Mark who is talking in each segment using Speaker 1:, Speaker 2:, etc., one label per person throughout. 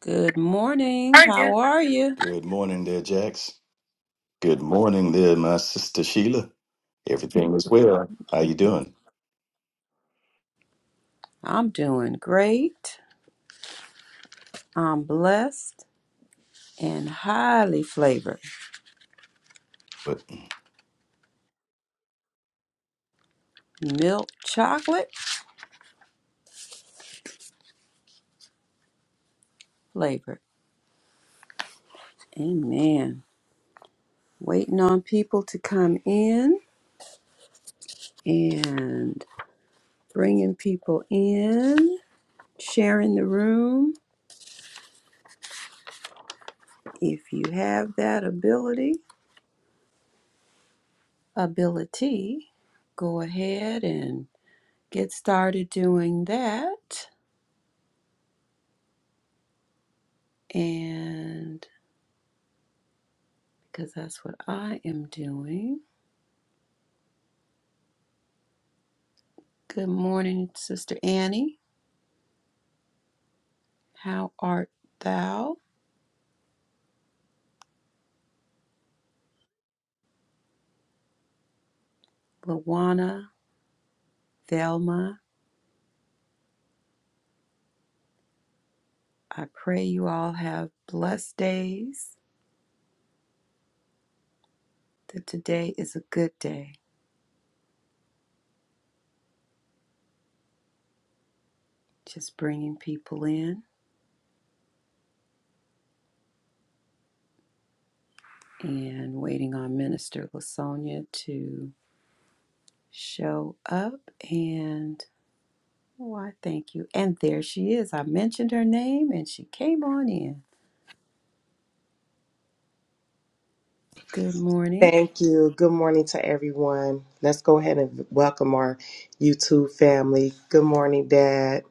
Speaker 1: Good morning.
Speaker 2: Thank you.
Speaker 1: How are you?
Speaker 2: Good morning there, Jax. Good morning there, my sister Sheila. Everything is well. How you doing?
Speaker 1: I'm doing great. I'm blessed and highly flavored.
Speaker 2: But
Speaker 1: Milk chocolate flavored. Amen. Waiting on people to come in and bringing people in, sharing the room. If you have that ability, ability, go ahead and get started doing that. And because that's what I am doing. Good morning, Sister Annie. How art thou? Luana, Velma? I pray you all have blessed days, that today is a good day. Just bringing people in and waiting on Minister Lasonia to show up. And oh, I thank you. And there she is. I mentioned her name and she came on in. Good morning.
Speaker 3: Thank you. Good morning to everyone. Let's go ahead and welcome our YouTube family. Good morning, Dad.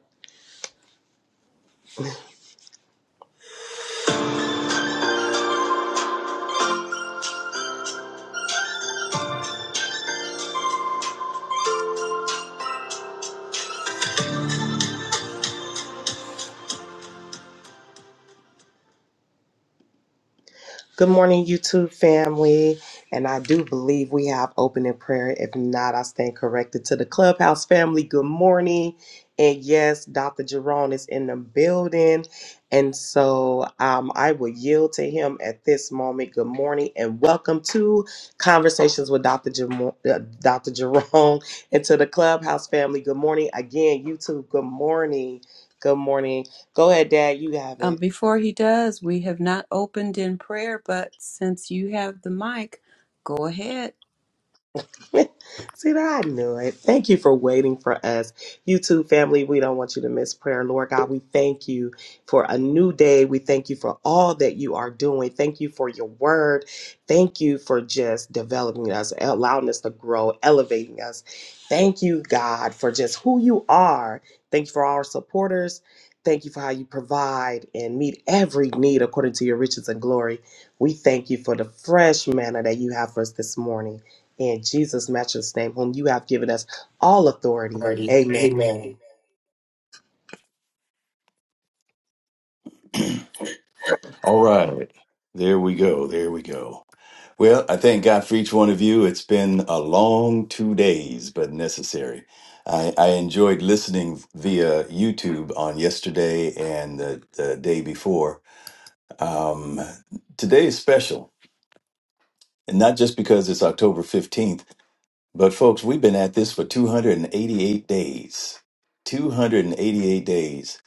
Speaker 3: Good morning, YouTube family. And I do believe we have opening prayer. If not, I stand corrected to the clubhouse family. Good morning. And yes, Dr. Jerome is in the building. And so um, I will yield to him at this moment. Good morning and welcome to Conversations with Dr. Jerome, uh, Dr. Jerome and to the clubhouse family. Good morning again, YouTube. Good morning. Good morning. Go ahead, Dad. You have
Speaker 1: Um,
Speaker 3: it.
Speaker 1: before he does, we have not opened in prayer, but since you have the mic, go ahead.
Speaker 3: See that I knew it. Thank you for waiting for us. YouTube family, we don't want you to miss prayer. Lord God, we thank you for a new day. We thank you for all that you are doing. Thank you for your word. Thank you for just developing us, allowing us to grow, elevating us. Thank you, God, for just who you are. Thank you for our supporters. Thank you for how you provide and meet every need according to your riches and glory. We thank you for the fresh manna that you have for us this morning. In Jesus' matchless name, whom you have given us all authority.
Speaker 2: Alrighty.
Speaker 3: Amen.
Speaker 2: Amen. all right. There we go. There we go. Well, I thank God for each one of you. It's been a long two days, but necessary. I, I enjoyed listening via YouTube on yesterday and the, the day before. Um, today is special, and not just because it's October 15th. But folks, we've been at this for 288 days. 288 days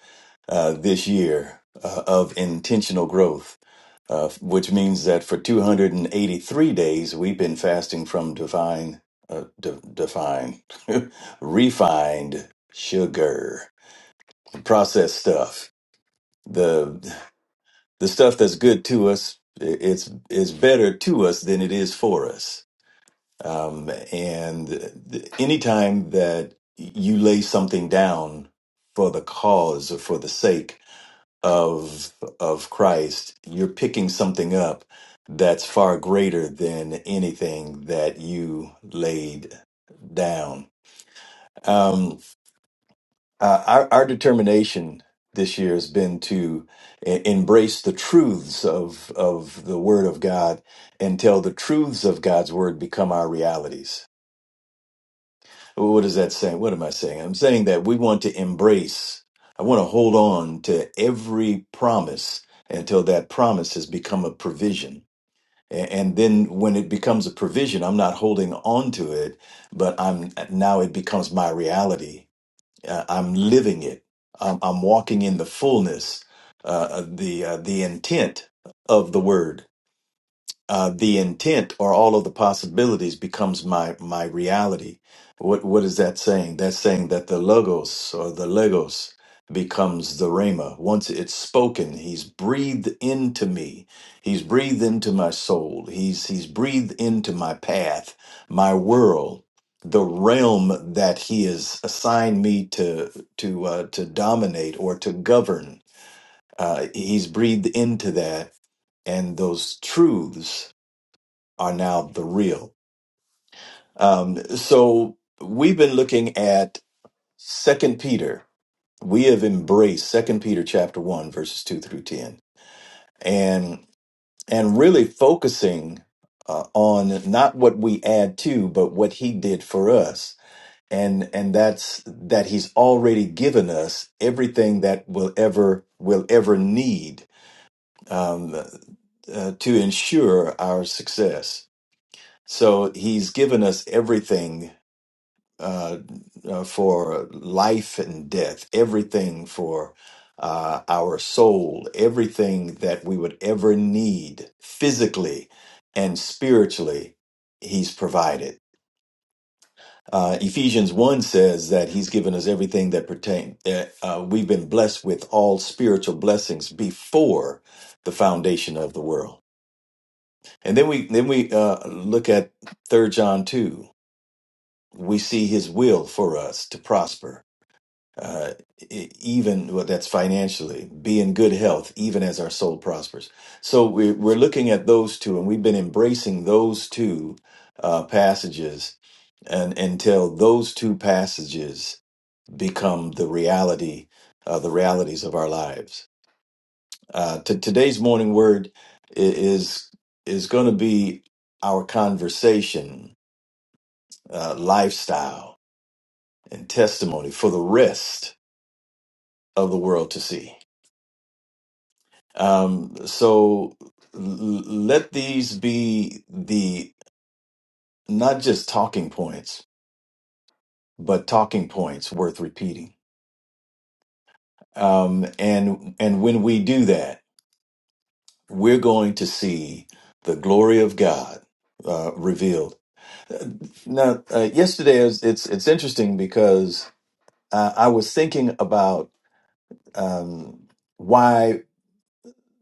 Speaker 2: uh, this year uh, of intentional growth, uh, which means that for 283 days we've been fasting from divine, uh, de- defined, refined sugar, processed stuff, the the stuff that's good to us. It's it's better to us than it is for us um, and th- anytime that you lay something down for the cause or for the sake of of Christ, you're picking something up that's far greater than anything that you laid down. Um, uh, our, our determination this year has been to e- embrace the truths of of the Word of God until the truths of God's Word become our realities What is that saying? What am I saying? I'm saying that we want to embrace, I want to hold on to every promise until that promise has become a provision. A- And then when it becomes a provision, I'm not holding on to it, but I'm now it becomes my reality. Uh, I'm living it. I'm, I'm walking in the fullness, uh, the uh, the intent of the word uh, the intent or all of the possibilities becomes my my reality. What what is that saying? That's saying that the logos or the legos becomes the rhema. Once it's spoken, he's breathed into me. He's breathed into my soul. He's he's breathed into my path, my world, the realm that he has assigned me to to uh, to dominate or to govern. Uh, he's breathed into that and those truths are now the real. Um, so we've been looking at Second Peter. We have embraced Second Peter chapter one verses two through ten, and and really focusing uh, on not what we add to, but what He did for us, and and that's that He's already given us everything that we'll ever will ever need um, uh, to ensure our success. So He's given us everything uh, uh, for life and death, everything for uh, our soul, everything that we would ever need physically and spiritually, He's provided. Uh, Ephesians 1 says that He's given us everything that pertain, that uh, we've been blessed with all spiritual blessings before the foundation of the world. And then we then we uh, look at Third John 2. We see his will for us to prosper uh, e- even well, that's financially, be in good health, even as our soul prospers. So we're, we're looking at those two, and we've been embracing those two uh, passages and, until those two passages become the reality, uh, the realities of our lives. Uh, to today's morning word i- is is going to be our conversation, uh, lifestyle, and testimony for the rest of the world to see. Um, so l- let these be the not just talking points, but talking points worth repeating. Um, and and when we do that, we're going to see the glory of God uh, revealed. Uh, Now, uh, yesterday is it's it's interesting because uh, I was thinking about um, why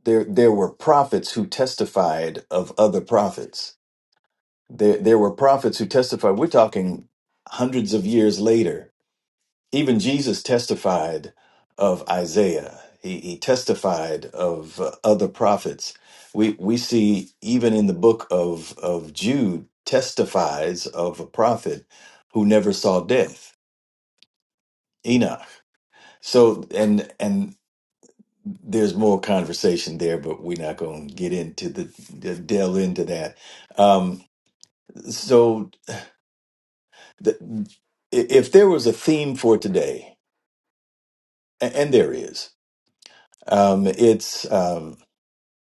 Speaker 2: there there were prophets who testified of other prophets There, there were prophets who testified. We're talking hundreds of years later. Even Jesus testified of Isaiah. He, he testified of uh, other prophets. We we see even in the book of of Jude testifies of a prophet who never saw death, Enoch. So and and there's more conversation there, but we're not going to get into the delve into that. Um, so the, if there was a theme for today, a- and there is, um, it's um,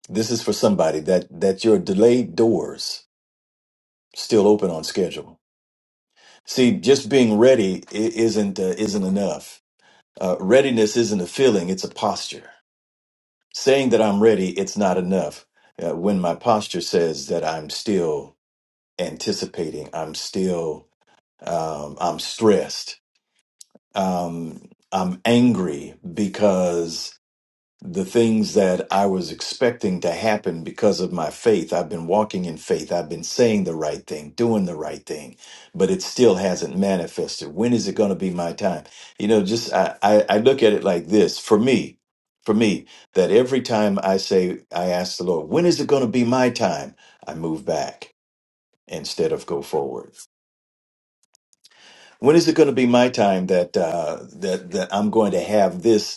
Speaker 2: this is for somebody that that your delayed doors still open on schedule. See, just being ready i- isn't uh, isn't enough. Uh, readiness isn't a feeling; it's a posture. Saying that I'm ready, it's not enough. Uh, when my posture says that I'm still anticipating, I'm still um, I'm stressed, um, I'm angry because the things that I was expecting to happen because of my faith. I've been walking in faith. I've been saying the right thing, doing the right thing, but it still hasn't manifested. When is it going to be my time? You know, just I, I, I look at it like this for me, for me, that every time I say, I ask the Lord, when is it going to be my time? I move back instead of go forward. When is it going to be my time that uh, that that I'm going to have this?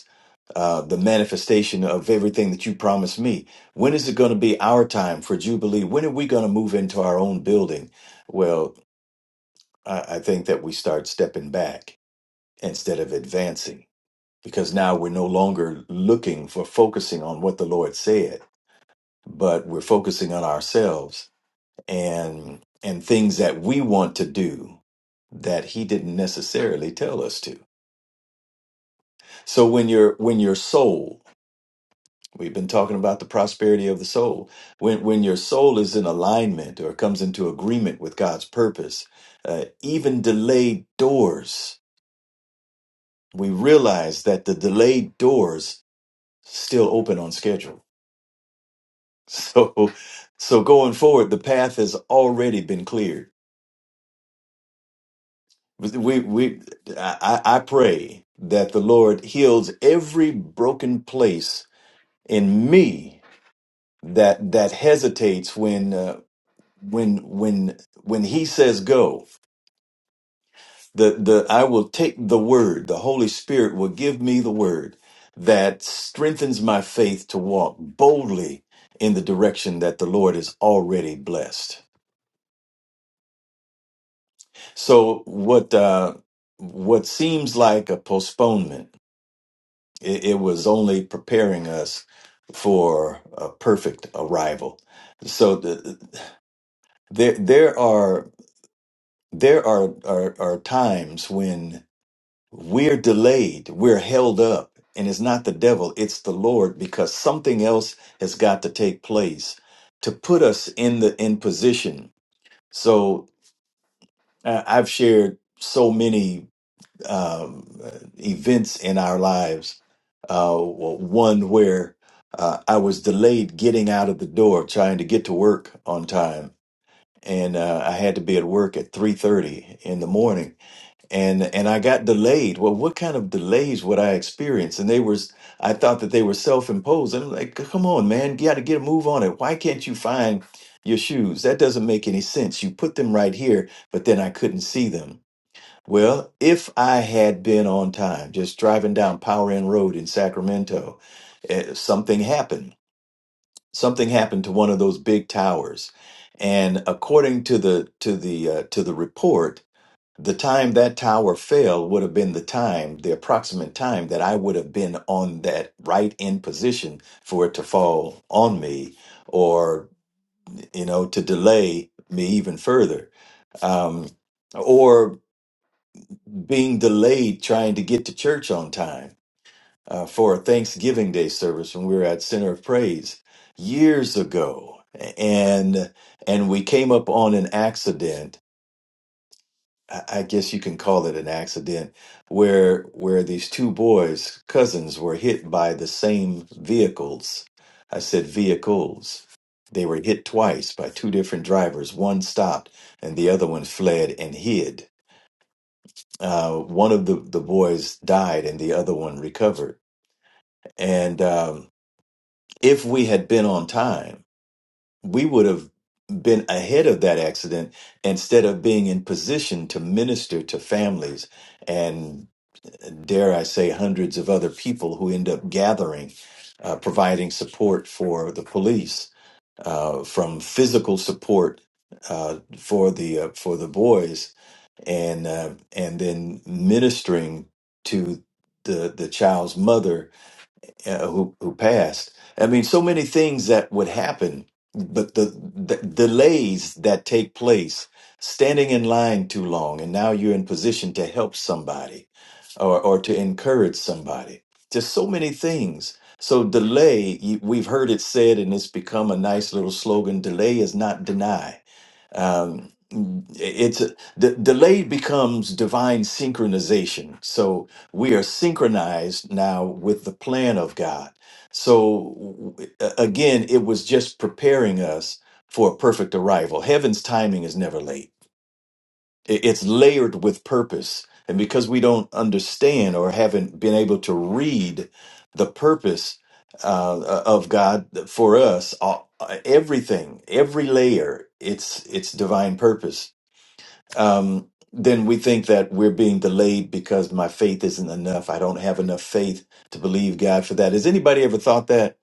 Speaker 2: uh, the manifestation of everything that you promised me. When is it going to be our time for Jubilee? When are we going to move into our own building? Well, I, I think that we start stepping back instead of advancing because now we're no longer looking for focusing on what the Lord said, but we're focusing on ourselves and and things that we want to do that he didn't necessarily tell us to. So when your when your soul We've been talking about the prosperity of the soul. When when your soul is in alignment or comes into agreement with God's purpose, uh, even delayed doors, we realize that the delayed doors still open on schedule. So so going forward, the path has already been cleared. We we I, I I pray that the Lord heals every broken place in me that that hesitates when uh, when when when he says go the the i will take the word the holy spirit will give me the word that strengthens my faith to walk boldly in the direction that the lord has already blessed so what uh what seems like a postponement it, it was only preparing us for a perfect arrival so the, there there are there are, are are times when We're delayed, we're held up, and it's not the devil, it's the Lord because something else has got to take place to put us in the in position. So uh, I've shared so many um, events in our lives. Uh, one where uh, I was delayed getting out of the door, trying to get to work on time, and uh, I had to be at work at three thirty in the morning and and I got delayed. Well, what kind of delays would I experience? And they were, I thought that they were self-imposed. And I'm like, come on, man, you got to get a move on it. Why can't you find your shoes? That doesn't make any sense. You put them right here, but then I couldn't see them. Well, if I had been on time, just driving down Power End Road in Sacramento, eh, something happened. Something happened to one of those big towers, and according to the to the uh, to the report the time that tower fell would have been the time, the approximate time that I would have been on that right in position for it to fall on me or, you know, to delay me even further. Um, or being delayed trying to get to church on time uh, for a Thanksgiving Day service when we were at Center of Praise years ago. And and we came up on an accident I I guess you can call it an accident where where these two boys, cousins, were hit by the same vehicles. I said vehicles. They were hit twice by two different drivers. One stopped and the other one fled and hid. Uh, one of the, the boys died and the other one recovered. And um, if we had been on time, we would have been ahead of that accident instead of being in position to minister to families and dare I say, hundreds of other people who end up gathering, uh, providing support for the police, uh, from physical support uh, for the uh, for the boys, and uh, and then ministering to the the child's mother uh, who who passed. I mean, so many things that would happen, but the, the delays that take place, standing in line too long, and now you're in position to help somebody, or or to encourage somebody. Just so many things. So delay, you- we've heard it said, and it's become a nice little slogan. Delay is not deny. Um, it's a, de- delay becomes divine synchronization. So we are synchronized now with the plan of God. So w- a- again, it was just preparing us for a perfect arrival. Heaven's timing is never late. I- It's layered with purpose. And because we don't understand or haven't been able to read the purpose uh, uh, of God for us, all- everything, every layer, it's it's divine purpose um, then we think that we're being delayed because my faith isn't enough. I don't have enough faith to believe God for that. Has anybody ever thought that?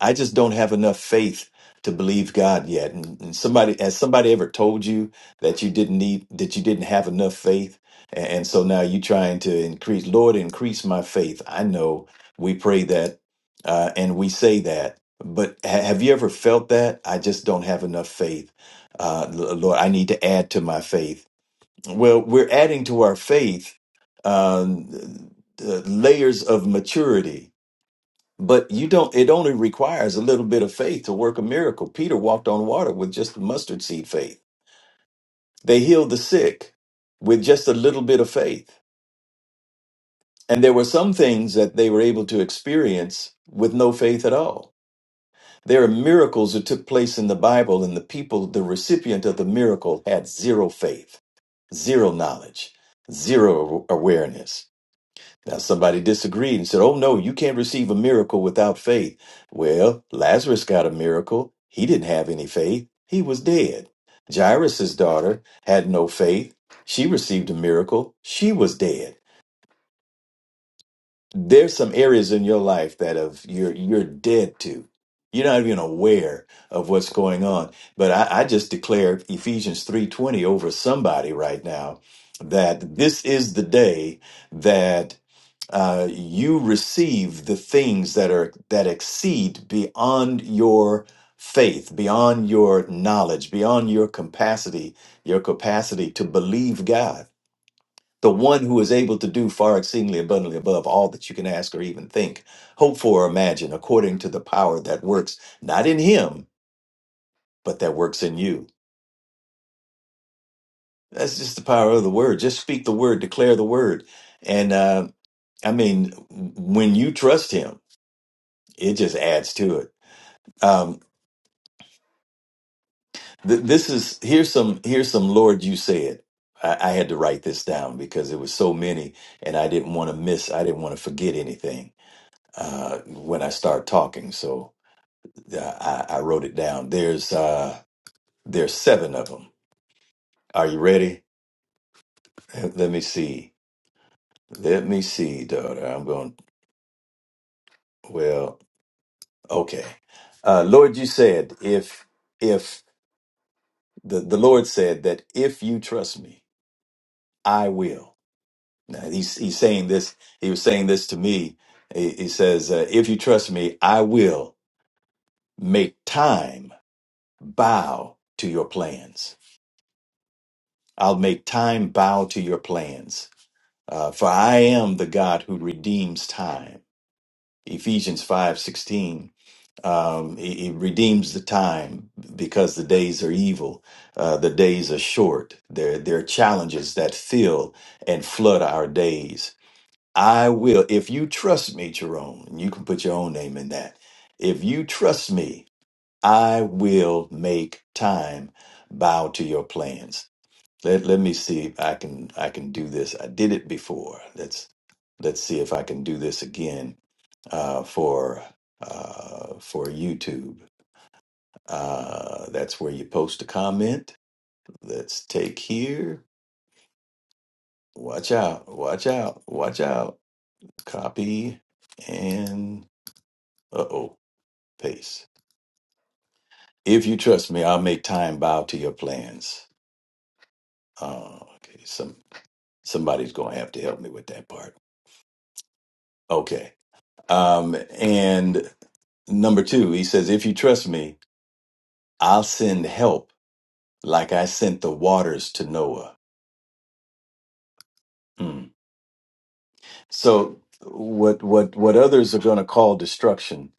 Speaker 2: I just don't have enough faith to believe God yet. And, and somebody has somebody ever told you that you didn't need that you didn't have enough faith? And, and so now you're trying to increase, Lord, increase my faith. I know we pray that uh, and we say that. But ha- have you ever felt that? I just don't have enough faith. Uh, L- Lord, I need to add to my faith. Well, we're adding to our faith um, uh, layers of maturity, but you don't. It only requires a little bit of faith to work a miracle. Peter walked on water with just mustard seed faith. They healed the sick with just a little bit of faith, and there were some things that they were able to experience with no faith at all. There are miracles that took place in the Bible, and the people, the recipient of the miracle, had zero faith, zero knowledge, zero awareness. Now, somebody disagreed and said, Oh, no, you can't receive a miracle without faith. Well, Lazarus got a miracle. He didn't have any faith, he was dead. Jairus' daughter had no faith. She received a miracle. She was dead. There's some areas in your life that have, you're, you're dead to. You're not even aware of what's going on. But I, I just declare Ephesians 3.20 over somebody right now that this is the day that uh, you receive the things that are that exceed beyond your faith beyond your knowledge beyond your capacity your capacity to believe god the one who is able to do far exceedingly abundantly above all that you can ask or even think hope for or imagine according to the power that works not in him but that works in you that's just the power of the word just speak the word declare the word and uh, i mean when you trust him it just adds to it Um, th- this is here's some here's some Lord you said. I, I had to write this down because it was so many, and I didn't want to miss. I didn't want to forget anything uh, when I start talking. So uh, I, I wrote it down. There's uh, there's seven of them. Are you ready? Let me see. Let me see, daughter. I'm going. Well, okay. Uh, Lord, you said if if the the Lord said that if you trust me, I will. Now, he's he's saying this. He was saying this to me. He, he says, uh, "If you trust me, I will make time bow to your plans. I'll make time bow to your plans. Uh, for I am the God who redeems time." Ephesians five sixteen. Um, he, he redeems the time because the days are evil. Uh, the days are short. There, there are challenges that fill and flood our days I will. If you trust me, Jerome, and you can put your own name in that. If you trust me, I will make time bow to your plans. Let let me see if I can I can do this. I did it before. Let's let's see if I can do this again uh, for uh, for YouTube. Uh, that's where you post a comment. Let's take here. Watch out! Watch out! Watch out! Copy and uh oh. pace. If you trust me, I'll make time bow to your plans. Oh, okay. Some somebody's going to have to help me with that part. Okay. Um, and number two, he says, if you trust me, I'll send help like I sent the waters to Noah. Hmm. So what what what others are going to call destruction,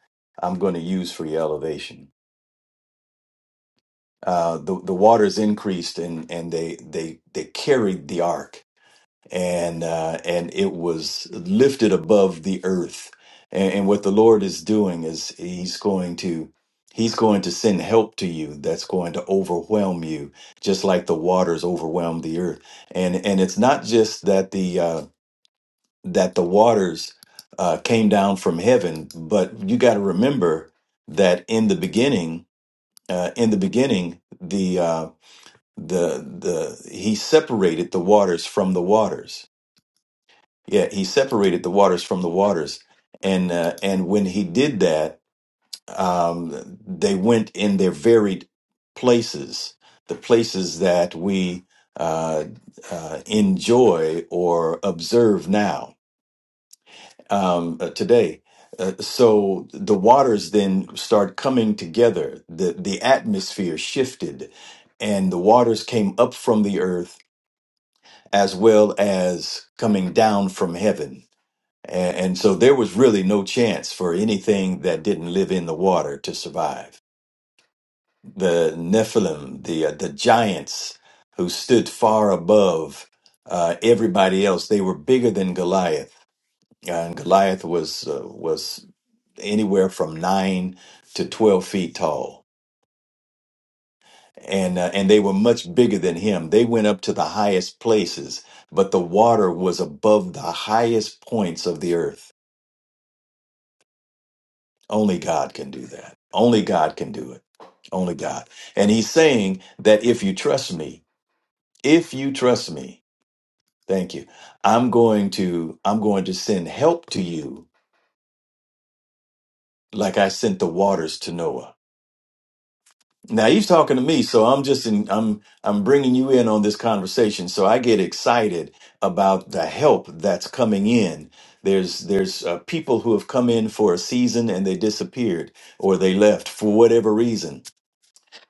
Speaker 2: I'm going to use for your elevation. Uh, the the waters increased and and they they they carried the ark and uh, and it was lifted above the earth. And, and what the Lord is doing is He's going to He's going to send help to you that's going to overwhelm you, just like the waters overwhelmed the earth. And and it's not just that the uh, that the waters uh, came down from heaven, but you got to remember that in the beginning, uh, in the beginning, the uh, the the He separated the waters from the waters yeah, he separated the waters from the waters, and uh, and when he did that, um, they went in their varied places, the places that we uh, uh, enjoy or observe now um, uh, today. Uh, so the waters then start coming together. the The atmosphere shifted, and the waters came up from the earth as well as coming down from heaven and, and so there was really no chance for anything that didn't live in the water to survive. The Nephilim, the uh, the giants who stood far above uh, everybody else, they were bigger than Goliath, Uh, and Goliath was uh, was anywhere from nine to twelve feet tall, and uh, and they were much bigger than him. They went up to the highest places, but the water was above the highest points of the earth Only God can do that. Only God can do it. Only God. And he's saying that if you trust me, if you trust me, thank you. I'm going to I'm going to send help to you like I sent the waters to Noah. Now he's talking to me, so I'm just in I'm I'm bringing you in on this conversation. So I get excited about the help that's coming in. There's there's uh, people who have come in for a season and they disappeared or they left for whatever reason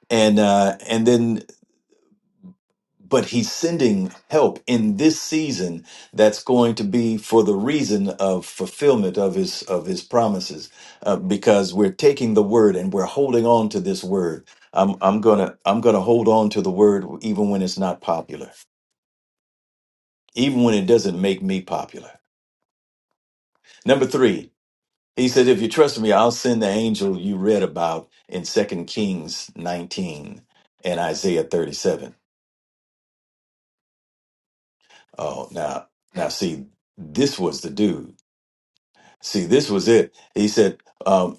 Speaker 2: and uh, and then but he's sending help in this season that's going to be for the reason of fulfillment of his of his promises uh, because we're taking the word and we're holding on to this word i'm i'm gonna i'm gonna hold on to the word even when it's not popular even when it doesn't make me popular number three he said if you trust me i'll send the angel you read about in second kings 19 and isaiah 37 Oh, now, now, see, this was the dude. See, this was it. He said, um,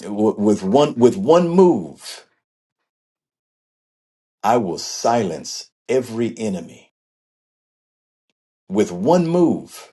Speaker 2: w- "With one, with one move, I will silence every enemy. With one move."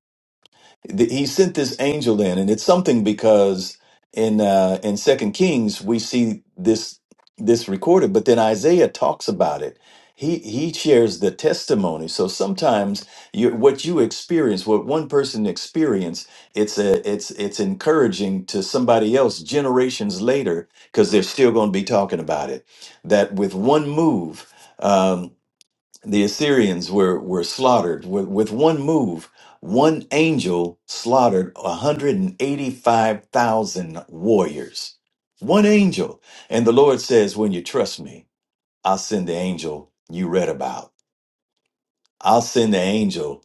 Speaker 2: the, he sent this angel in and it's something because in uh in second kings we see this this recorded but then isaiah talks about it he he shares the testimony so sometimes you what you experience what one person experienced it's a it's it's encouraging to somebody else generations later because they're still going to be talking about it that with one move um, the Assyrians were were slaughtered with, with one move. One angel slaughtered 185,000 warriors. One angel. And the Lord says, when you trust me, I'll send the angel you read about. I'll send the angel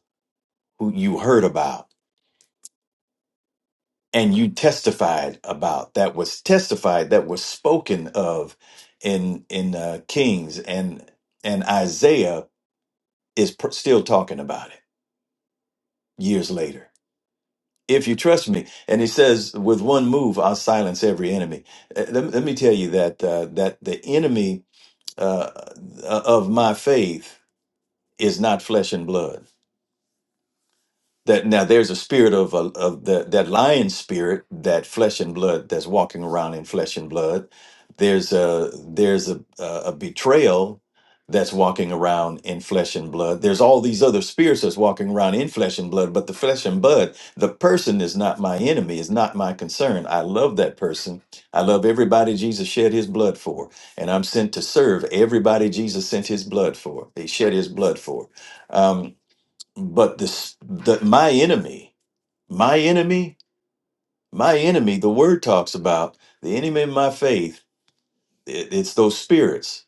Speaker 2: who you heard about and you testified about that was testified that was spoken of in in uh, Kings and and Isaiah is pr- still talking about it years later. if you trust me and he says with one move i'll silence every enemy Uh, let, let me tell you that uh, that the enemy uh, of my faith is not flesh and blood that now there's a spirit of, uh, of the, that lion spirit that flesh and blood that's walking around in flesh and blood there's a there's a, a a betrayal that's walking around in flesh and blood there's all these other spirits that's walking around in flesh and blood but the flesh and blood the person is not my enemy is not my concern i love that person i love everybody jesus shed his blood for and i'm sent to serve everybody jesus sent his blood for he shed his blood for Um, but this the my enemy my enemy my enemy the word talks about the enemy of my faith it- it's those spirits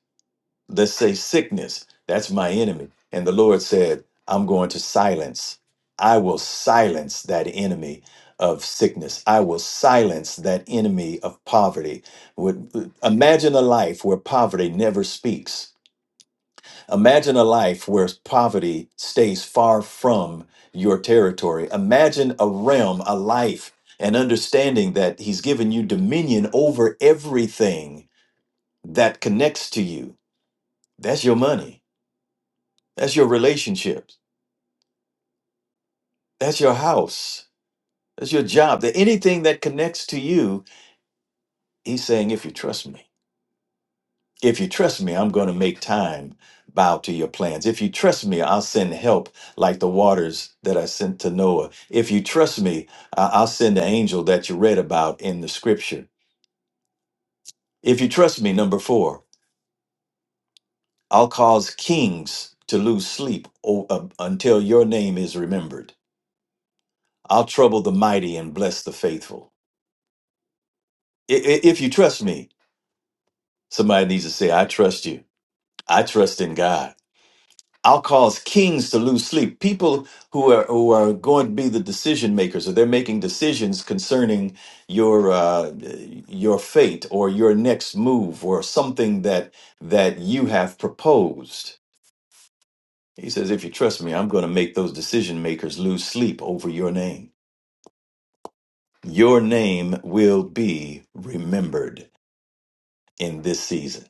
Speaker 2: that say sickness that's my enemy and the lord said i'm going to silence i will silence that enemy of sickness i will silence that enemy of poverty Would- imagine a life where poverty never speaks Imagine a life where poverty stays far from your territory. Imagine a realm, a life, an understanding that He's given you dominion over everything that connects to you. That's your money. That's your relationships. That's your house. That's your job. That anything that connects to you, He's saying, if you trust me. If you trust me, I'm going to make time bow to your plans. If you trust me, I'll send help like the waters that I sent to Noah. If you trust me, I- I'll send the angel that you read about in the scripture. If you trust me, number four, I'll cause kings to lose sleep o- uh, until your name is remembered. I'll trouble the mighty and bless the faithful. I- i- if you trust me, somebody needs to say, I trust you. I trust in God. I'll cause kings to lose sleep. People who are who are going to be the decision makers, or they're making decisions concerning your uh, your fate or your next move or something that that you have proposed. He says, "If you trust me, I'm going to make those decision makers lose sleep over your name. Your name will be remembered in this season."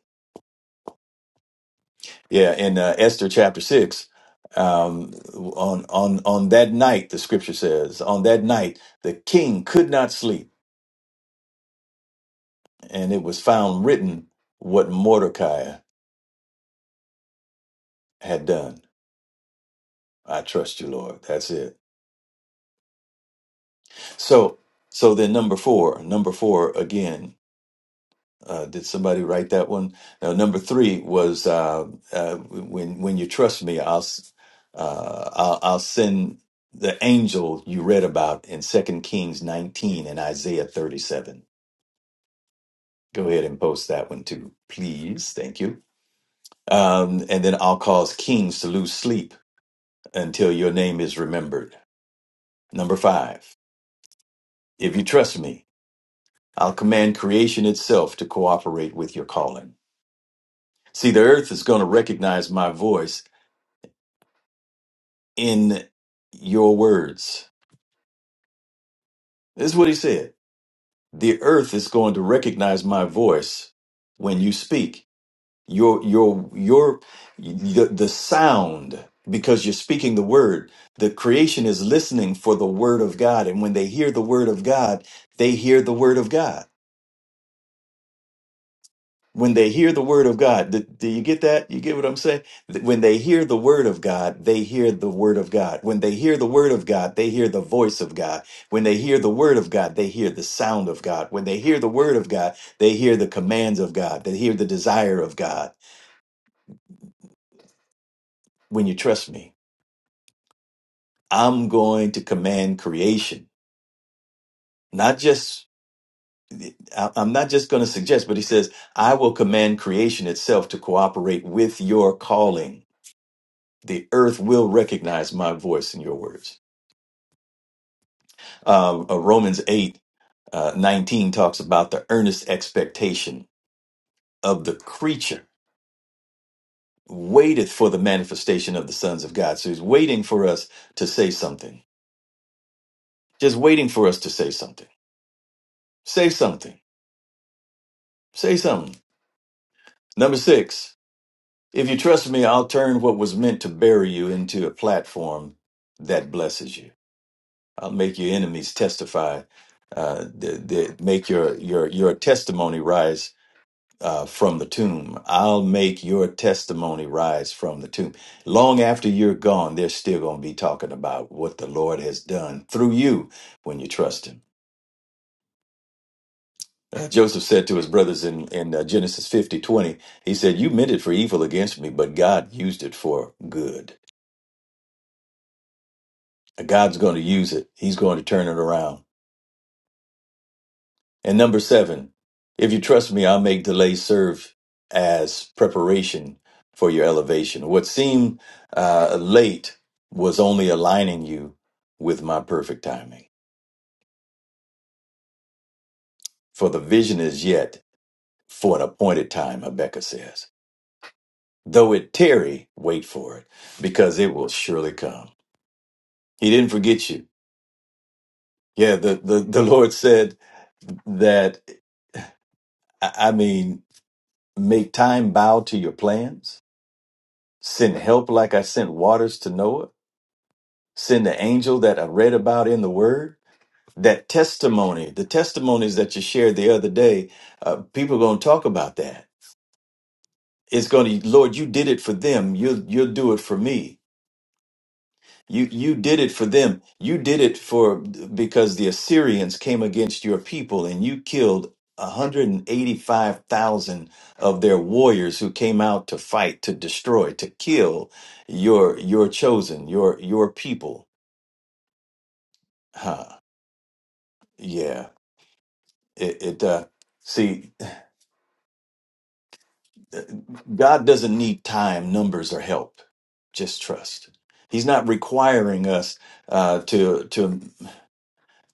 Speaker 2: Yeah, in uh, Esther chapter six, um, on on on that night, the scripture says, on that night the king could not sleep, and it was found written what Mordecai had done. I trust you, Lord. That's it. So, so then number four, number four again. Uh, did somebody write that one? Now, number three was uh, uh, when when you trust me, I'll s- uh, I'll, I'll send the angel you read about in Second Kings nineteen and Isaiah thirty seven. Go ahead and post that one too, please. Thank you. Um, and then I'll cause kings to lose sleep until your name is remembered. Number five, if you trust me, I'll command creation itself to cooperate with your calling. See, the earth is going to recognize my voice in your words. This is what he said. The earth is going to recognize my voice when you speak. Your your your the, the sound because you're speaking the word. The creation is listening for the word of God and when they hear the word of God, they hear the word of God. when they hear the word of God. Do, do you get that? You get what I'm saying? Th- When they hear the word of God, they hear the word of God. When they hear the word of God, they hear the voice of God. When they hear the word of God, they hear the sound of God. When they hear the word of God, they hear the commands of God. They hear the desire of God. When you trust me, I'm going to command creation, not just I- I'm not just going to suggest, but he says, I will command creation itself to cooperate with your calling. the earth will recognize my voice in your words. Um, uh, Romans 8 uh, 19 talks about the earnest expectation of the creature waiteth for the manifestation of the sons of God. So he's waiting for us to say something, just waiting for us to say something. Say something, say something. Number six, if you trust me, I'll turn what was meant to bury you into a platform that blesses you. I'll make your enemies testify. Uh, the, the, make your your your testimony rise uh, from the tomb. I'll make your testimony rise from the tomb. Long after you're gone, they're still going to be talking about what the Lord has done through you when you trust Him. Uh, Joseph said to his brothers in, in uh, Genesis 50 20. he said, You meant it for evil against me, but God used it for good. God's going to use it, He's going to turn it around. And number seven, if you trust me, I'll make delay serve as preparation for your elevation. What seemed uh, late was only aligning you with my perfect timing. For the vision is yet for an appointed time, Rebecca says. Though it tarry, wait for it, because it will surely come. He didn't forget you. Yeah, the, the, the Lord said that, I I mean, make time bow to your plans Send help like I sent waters to Noah. Send the angel that I read about in the word. That testimony, the testimonies that you shared the other day, uh, people are going to talk about that. It's going to, Lord, you did it for them. You'll, you'll do it for me. You you did it for them. You did it for because the Assyrians came against your people and you killed 185,000 of their warriors who came out to fight, to destroy, to kill your your chosen, your your people. Huh. Yeah. It it uh see God doesn't need time, numbers or help. Just trust. He's not requiring us uh to to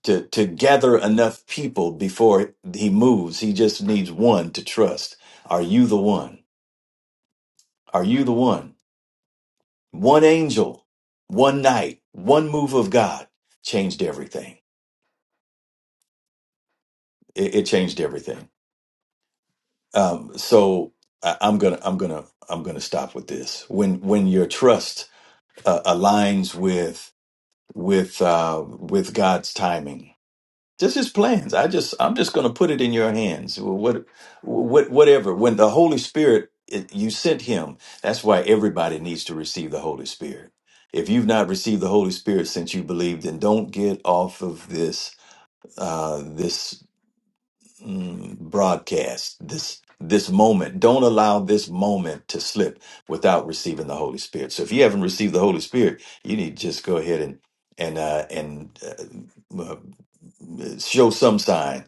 Speaker 2: to to gather enough people before he moves. He just needs one to trust. Are you the one? Are you the one? One angel, one night, one move of God changed everything. It, it changed everything. Um, so I, I'm gonna I'm gonna I'm gonna stop with this. When when your trust uh, aligns with with uh, with God's timing, just his plans i just i'm just going to put it in your hands what, what whatever when the holy spirit it- you sent him that's why everybody needs to receive the holy spirit if you've not received the holy spirit since you believed then don't get off of this uh this mm, broadcast this this moment don't allow this moment to slip without receiving the holy spirit so if you haven't received the holy spirit you need to just go ahead and and uh and uh, uh, show some sign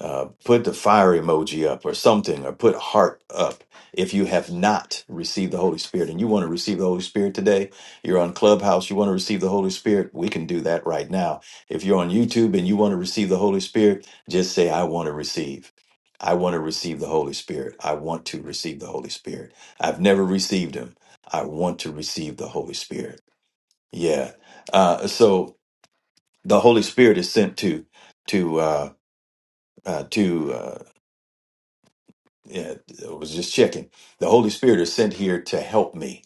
Speaker 2: uh, put the fire emoji up or something, or put heart up. If you have not received the Holy Spirit and you want to receive the Holy Spirit today, you're on Clubhouse, you want to receive the Holy Spirit, we can do that right now. If you're on YouTube and you want to receive the Holy Spirit, just say, I want to receive. I want to receive the Holy Spirit. I want to receive the Holy Spirit. I've never received him. I want to receive the Holy Spirit. Yeah. Uh, so the Holy Spirit is sent to to uh, uh, to uh, yeah, I was just checking. The Holy Spirit is sent here to help me.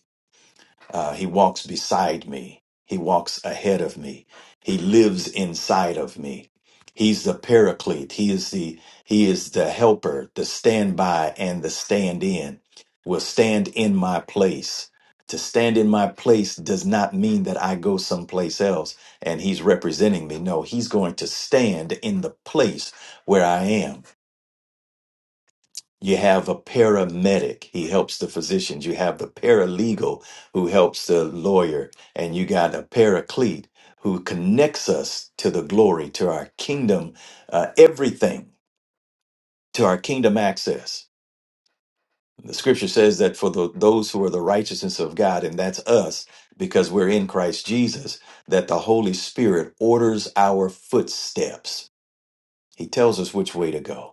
Speaker 2: Uh, he walks beside me. He walks ahead of me. He lives inside of me. He's the paraclete. He is the he is the helper, the standby, and the stand in. Will stand in my place. To stand in my place does not mean that I go someplace else and he's representing me. No, he's going to stand in the place where I am you have a paramedic, he helps the physicians. You have the paralegal who helps the lawyer. And you got a paraclete who connects us to the glory, to our kingdom, uh, everything, to our kingdom access. The scripture says that for the, those who are the righteousness of God, and that's us because we're in Christ Jesus, that the Holy Spirit orders our footsteps. He tells us which way to go.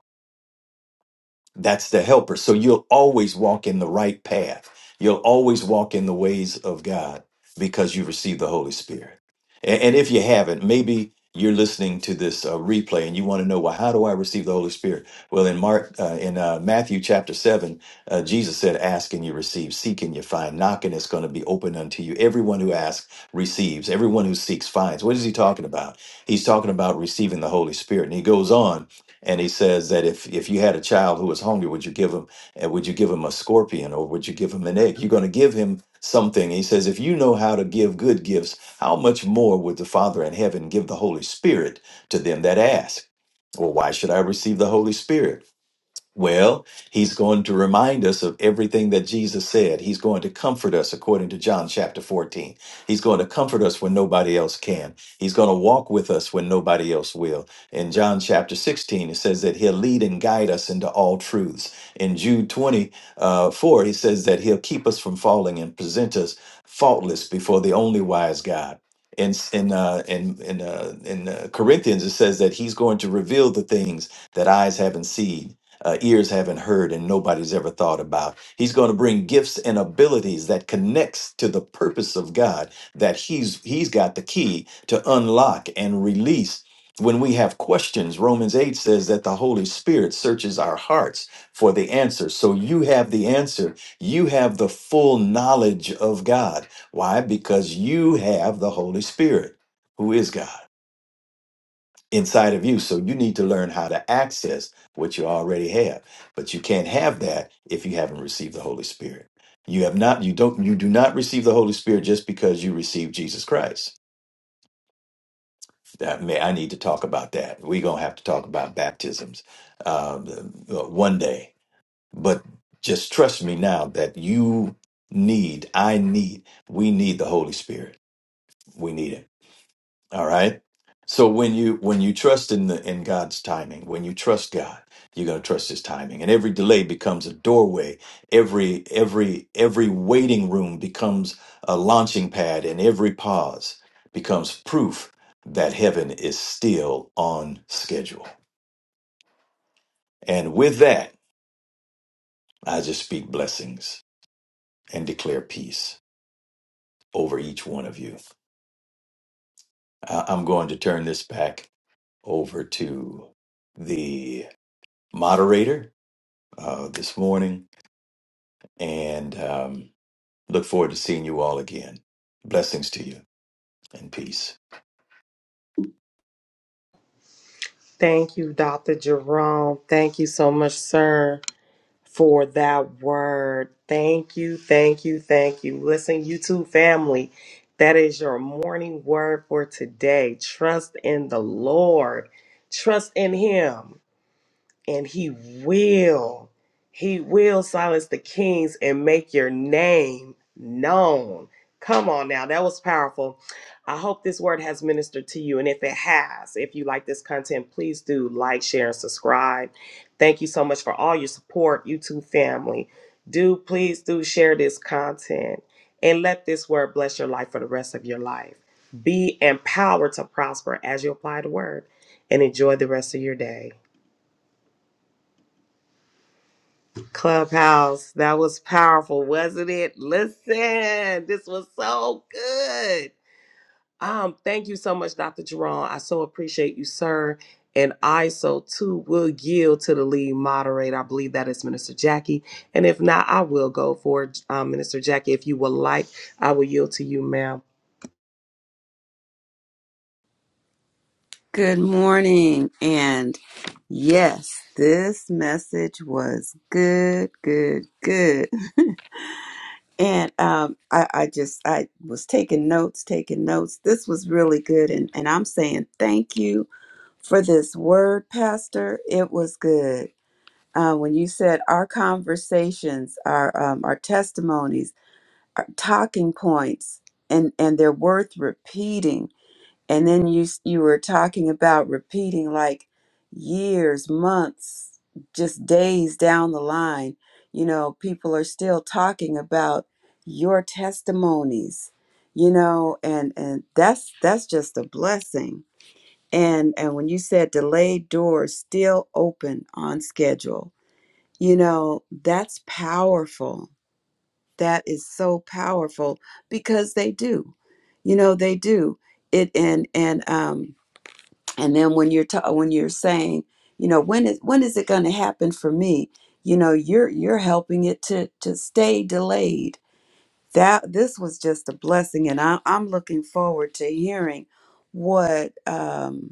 Speaker 2: That's the helper. So you'll always walk in the right path. You'll always walk in the ways of God because you receive the Holy Spirit. And, and if you haven't, maybe you're listening to this uh, replay and you want to know, well, how do I receive the Holy Spirit? Well, in Mark, uh, in uh, Matthew chapter seven, uh, Jesus said, "Ask and you receive; seek and you find; knock and it's going to be open unto you. Everyone who asks receives; everyone who seeks finds." What is he talking about? He's talking about receiving the Holy Spirit, and he goes on and he says that if if you had a child who was hungry would you give him and would you give him a scorpion or would you give him an egg you're going to give him something he says if you know how to give good gifts how much more would the father in heaven give the holy spirit to them that ask well why should i receive the holy spirit well, he's going to remind us of everything that Jesus said. He's going to comfort us according to John chapter 14. He's going to comfort us when nobody else can. He's going to walk with us when nobody else will. In John chapter 16, it says that he'll lead and guide us into all truths. In Jude 24, uh, four, he says that he'll keep us from falling and present us faultless before the only wise God. In in uh, in in, uh, in uh, Corinthians, it says that he's going to reveal the things that eyes haven't seen uh, ears haven't heard and nobody's ever thought about. He's going to bring gifts and abilities that connects to the purpose of God that he's he's got the key to unlock and release. When we have questions, Romans 8 says that the Holy Spirit searches our hearts for the answer. So you have the answer. You have the full knowledge of God. Why? Because you have the Holy Spirit, who is God inside of you. So you need to learn how to access what you already have. But you can't have that if you haven't received the Holy Spirit. You have not, you don't, you do not receive the Holy Spirit just because you receive Jesus Christ. That may, I need to talk about that. We're going to have to talk about baptisms um, uh, one day. But just trust me now that you need, I need, we need the Holy Spirit. We need Him All right. So when you when you trust in the in God's timing, when you trust God, you're going to trust his timing. And every delay becomes a doorway. Every every every waiting room becomes a launching pad and every pause becomes proof that heaven is still on schedule. And with that, I just speak blessings and declare peace over each one of you. I- I'm going to turn this back over to the moderator uh, this morning and um, look forward to seeing you all again. Blessings to you and peace.
Speaker 3: Thank you, Dr. Jerome. Thank you so much, sir, for that word. Thank you, thank you, thank you. Listen, YouTube family, that is your morning word for today. Trust in the Lord, trust in Him. and he will he will silence the kings and make your name known come on now that was powerful i hope this word has ministered to you and if it has if you like this content please do like share and subscribe thank you so much for all your support youtube family do please do share this content and let this word bless your life for the rest of your life be empowered to prosper as you apply the word and enjoy the rest of your day Clubhouse, that was powerful, wasn't it? Listen, this was so good. Um, thank you so much, Dr. Jerome. I so appreciate you, sir. And I so too will yield to the lead moderator. I believe that is Minister Jackie. And if not, I will go for it, um, Minister Jackie. If you would like, I will yield to you, ma'am.
Speaker 1: Good morning. And yes, this message was good, good, good. And um, I, I just I was taking notes, taking notes. This was really good, and and I'm saying thank you for this word, Pastor. It was good. Uh, when you said our conversations, our um, our testimonies. are talking points and and they're worth repeating and then you s- you were talking about repeating like years months just days down the line you know people are still talking about your testimonies you know and and that's that's just a blessing and and when you said delayed doors still open on schedule you know that's powerful that is so powerful because they do. You know, they do. It and and um and then when you're ta- when you're saying, you know, when is when is it going to happen for me? You know, you're you're helping it to to stay delayed. That this was just a blessing, and I, I'm looking forward to hearing what um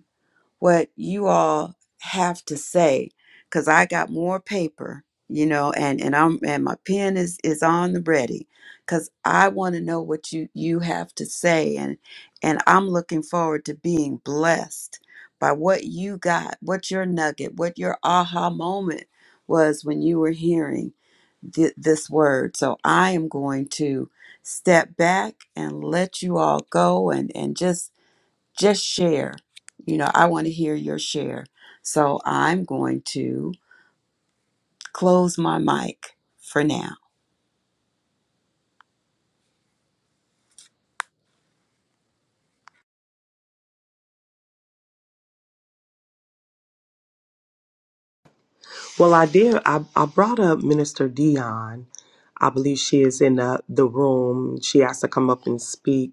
Speaker 1: what you all have to say because I got more paper, you know, and and I'm and my pen is is on the ready because I want to know what you you have to say and and I'm looking forward to being blessed by what you got, what your nugget, what your aha moment was when you were hearing thi- this word. So I am going to step back and let you all go and and just just share. You know, I want to hear your share. So I'm going to close my mic for now.
Speaker 3: Well, I did. I, I brought up Minister Dion. I believe she is in the, the room. She has to come up and speak.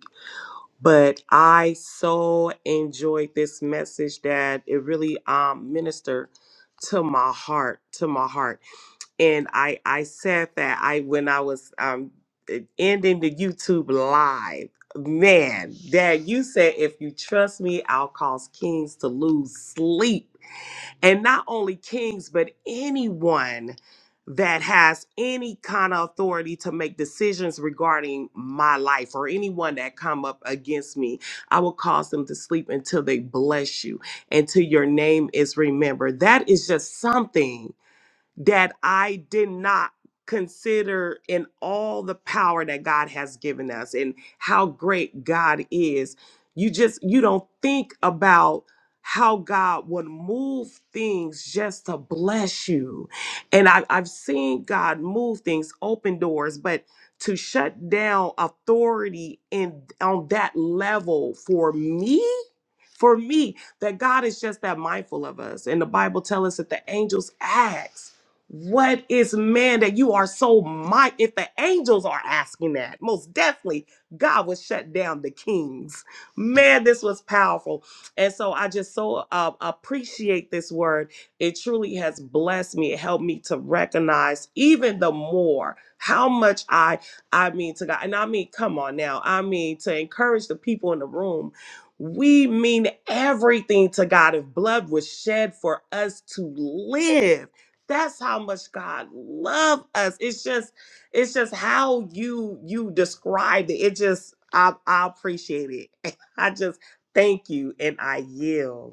Speaker 3: but I so enjoyed this message that it really um ministered to my heart, to my heart. And I I said that I when I was um eh, ending the YouTube live, man, Dad, you said if you trust me, I'll cause kings to lose sleep and not only kings, but anyone that has any kind of authority to make decisions regarding my life or anyone that come up against me, I will cause them to sleep until they bless you, until your name is remembered. That is just something that I did not consider in all the power that God has given us and how great God is. You just you don't think about how God would move things just to bless you. And I, I've seen God move things, open doors, but to shut down authority in on that level for me, for me, that God is just that mindful of us. And the Bible tells us that the angels ask. What is man that you are so mighty? If the angels are asking that, most definitely God would shut down the kings. Man, this was powerful. And so I just so uh, appreciate this word. It truly has blessed me. It helped me to recognize even the more how much I, I mean to God. And I mean, come on now. I mean, to encourage the people in the room. We mean everything to God. If blood was shed for us to live that's how much God loves us. It's just, it's just how you you described it. It just, I, I appreciate it. I just thank you and I yield.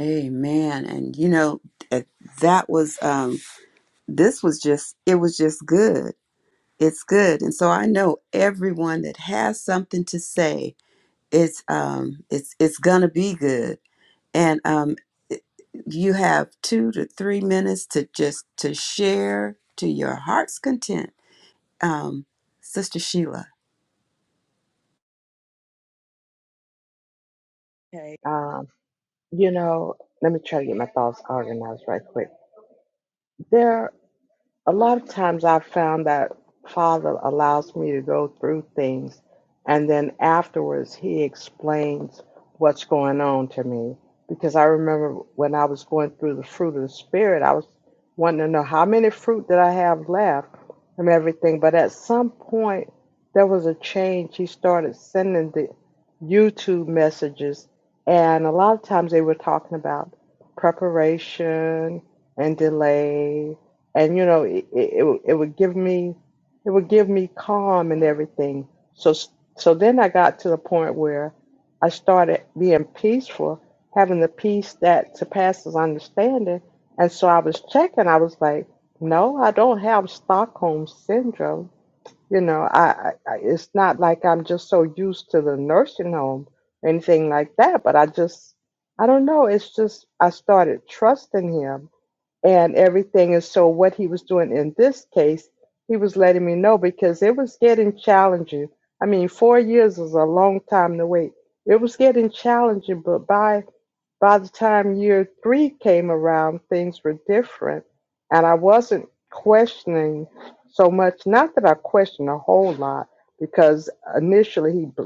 Speaker 1: Amen. And you know, that that was um this was just it was just good. It's good. And so I know everyone that has something to say, it's um it's it's going to be good. And um it- you have 2 to 3 minutes to just to share to your heart's content. Um Sister Sheila
Speaker 4: Okay. Um, you know, let me try to get my thoughts organized right quick. There a lot of times I've found that Father allows me to go through things, and then afterwards he explains what's going on to me. Because I remember when I was going through the fruit of the Spirit, I was wanting to know how many fruit did I have left and everything. But at some point, there was a change. He started sending the YouTube messages, and a lot of times they were talking about preparation and delay and you know it, it, it would give me it would give me calm and everything so so then i got to the point where i started being peaceful having the peace that surpasses understanding and so i was checking i was like no i don't have stockholm syndrome you know i, I I- it's not like i'm just so used to the nursing home or anything like that but i just i don't know it's just i started trusting him and everything. And so, what he was doing in this case, he was letting me know because it was getting challenging. I mean, four years is a long time to wait. It was getting challenging, but by by the time year three came around, things were different, and I wasn't questioning so much. Not that I questioned a whole lot, because initially he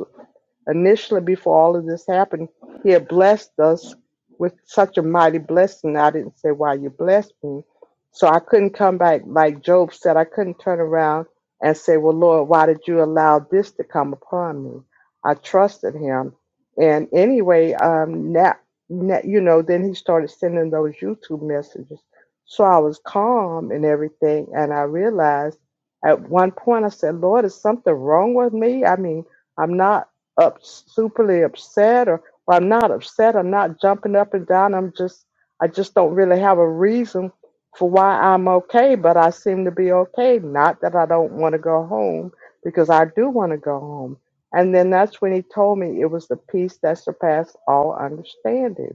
Speaker 4: initially before all of this happened, he had blessed us with such a mighty blessing. I didn't say why you blessed me. So I couldn't come back like Job said, I couldn't turn around and say, Well Lord, why did you allow this to come upon me? I trusted him. And anyway, um now, now you know, then he started sending those YouTube messages. So I was calm and everything, and I realized at one point I said, Lord, is something wrong with me? I mean, I'm not up superly upset or, or I'm not upset. I'm not jumping up and down. I'm just I just don't really have a reason for why I'm okay, but I seem to be okay. Not that I don't want to go home because I do want to go home. And then that's when he told me it was the peace that surpassed all understanding.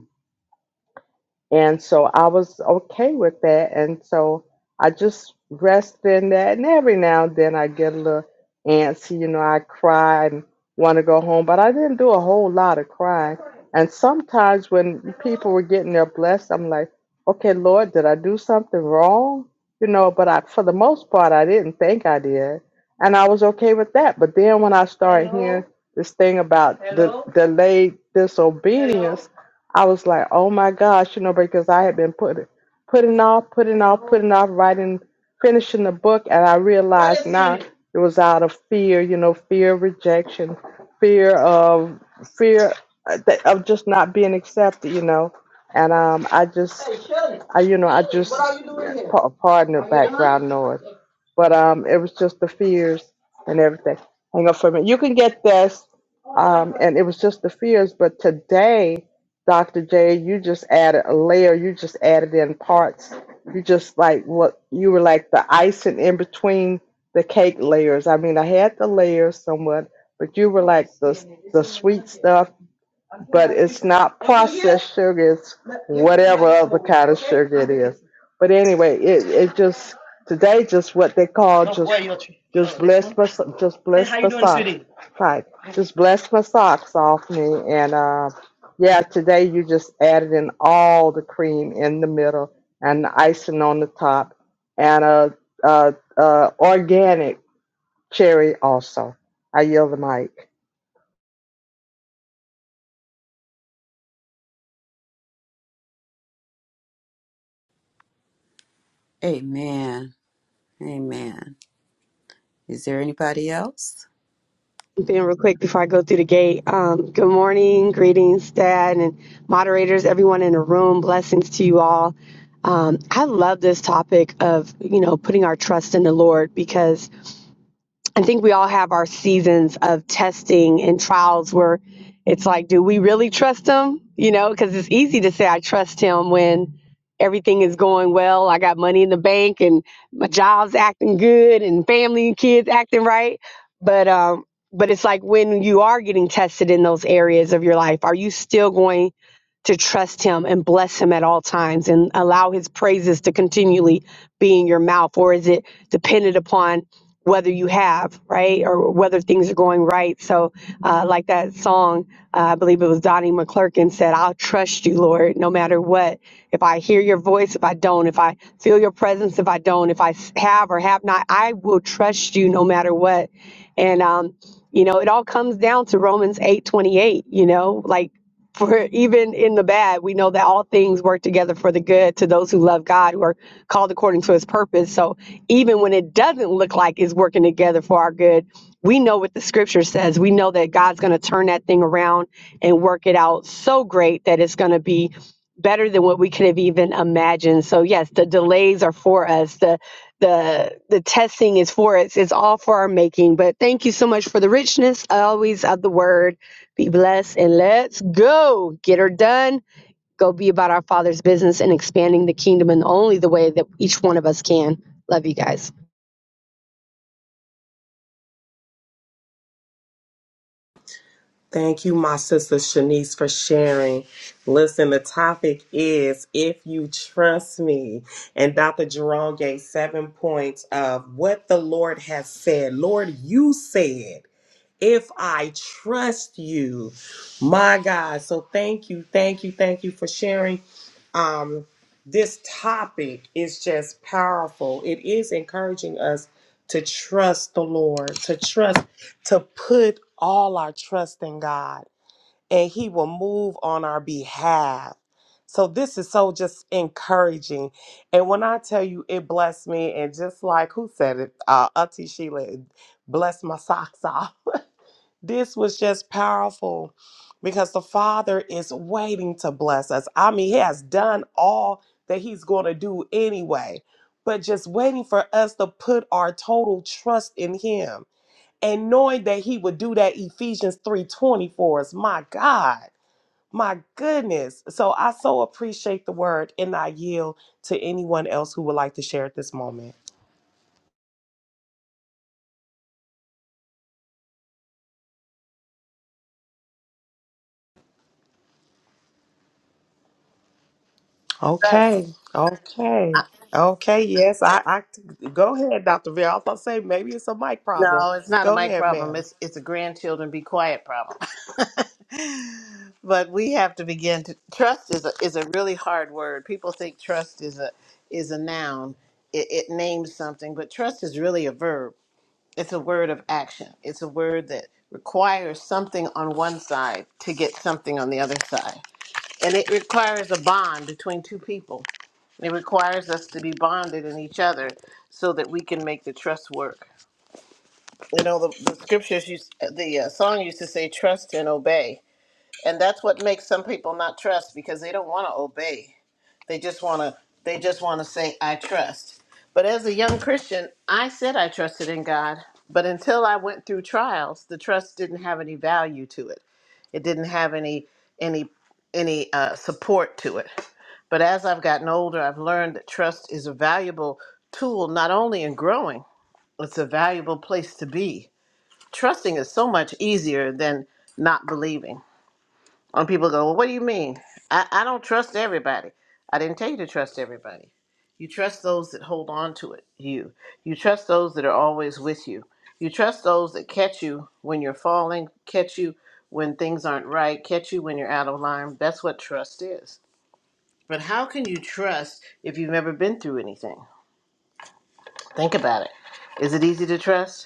Speaker 4: And so I was okay with that. And so I just rest in that. And every now and then I get a little antsy, you know, I cry and want to go home, but I didn't do a whole lot of crying. And sometimes when people were getting their blessed, I'm like, okay, Lord, did I do something wrong? You know, but I, for the most part, I didn't think I did. And I was okay with that. But then when I started hearing this thing about the delayed disobedience, I was like, oh my gosh, you know, because I had been putting putting off, putting off, putting off, writing, finishing the book, and I realized now it was out of fear, you know, fear of rejection, fear of fear uh, that- of just not being accepted, you know. And um, I just, I, you know, I just, pa- pardon the background noise, but um, it was just the fears and everything. Hang on for a minute. You can get this, um, and it was just the fears. But today. Dr. J, you just added a layer, you just added in parts. You just like what you were like the icing in between the cake layers. I mean, I had the layers somewhat, but you were like the the sweet stuff but it's not processed sugar. It's whatever other kind of sugar it is. But anyway, it it just today just what they call just just bless my so- just bless my socks. Right, just bless my socks off me, and uh, yeah, today you just added in all the cream in the middle and the icing on the top, and uh, uh, uh, organic cherry also. I yield the mic.
Speaker 1: Amen. Amen. Is there anybody else?
Speaker 5: Ben, real quick before I go through the gate. Um, good morning, greetings, Dad, and moderators, everyone in the room. Blessings to you all. Um, I love this topic of you know putting our trust in the Lord because I think we all have our seasons of testing and trials where it's like, do we really trust him? You know, because it's easy to say I trust him when everything is going well. I got money in the bank and my job's acting good and family and kids acting right. But um, but it's like when you are getting tested in those areas of your life, are you still going? to trust him and bless him at all times and allow his praises to continually be in your mouth? Or is it dependent upon whether you have, right? Or whether things are going right? So, uh, like that song, uh, I believe it was Donnie McClurkin said, I'll trust you, Lord, no matter what. If I hear your voice, if I don't, if I feel your presence, if I don't, if I s- have or have not, I will trust you no matter what. And, um, you know, it all comes down to Romans eight twenty eight. you know, like, for even in the bad, we know that all things work together for the good to those who love God, who are called according to his purpose. So even when it doesn't look like it's working together for our good, we know what the scripture says. We know that God's going to turn that thing around and work it out so great that it's going to be better than what we could have even imagined. So yes, the delays are for us. The the the testing is for us. It's all for our making. But thank you so much for the richness always of the word be blessed and let's go. Get her done. Go be about our Father's business and expanding the kingdom in only the way that each one of us can. Love you guys.
Speaker 3: Thank you, my sister Shanice, for sharing. Listen, the topic is If You Trust Me. And Dr. Jerome gave seven points of what the Lord has said. Lord, you said, If I trust you, my God. So thank you, thank you, thank you for sharing. Um, this topic is just powerful. It is encouraging us to trust the Lord, to trust to put all our trust in God and He will move on our behalf. So, this is so just encouraging. And when I tell you it blessed me, and just like who said it, uh, Auntie Sheila, it blessed my socks off. This was just powerful because the Father is waiting to bless us. I mean, He has done all that He's going to do anyway, but just waiting for us to put our total trust in Him and knowing that he would do that ephesians 3.20 for us my god my goodness so i so appreciate the word and i yield to anyone else who would like to share at this moment
Speaker 6: Yes.
Speaker 3: okay okay okay yes i, I go ahead dr Vera. i was about to say maybe it's a mic problem
Speaker 6: No, it's not a
Speaker 3: go
Speaker 6: mic
Speaker 3: ahead
Speaker 6: problem.
Speaker 3: ma'am
Speaker 6: It's it's a grandchildren be quiet problem. but we have to begin to trust is a is a really hard word. People think trust is a is a noun. It, it names something, but trust is really a verb. It's a word of action. It's a word that requires something on one side to get something on the other side. And it requires a bond between two people. It requires us to be bonded in each other so that we can make the trust work. you know the, the scriptures used the uh, song used to say trust and obey and that's what makes some people not trust because they don't want to obey they just want to they just want to say i trust but as a young christian i said i trusted in god but until i went through trials the trust didn't have any value to it it didn't have any any any uh, support to it but as i've gotten older i've learned that trust is a valuable tool not only in growing it's a valuable place to be trusting is so much easier than not believing. When people go, well, what do you mean? I, I don't trust everybody. I didn't tell you to trust everybody. You trust those that hold on to it, you. You trust those that are always with you. You trust those that catch you when you're falling, catch you when things aren't right, catch you when you're out of line. That's what trust is. But how can you trust if you've never been through anything? Think about it. Is it easy to trust?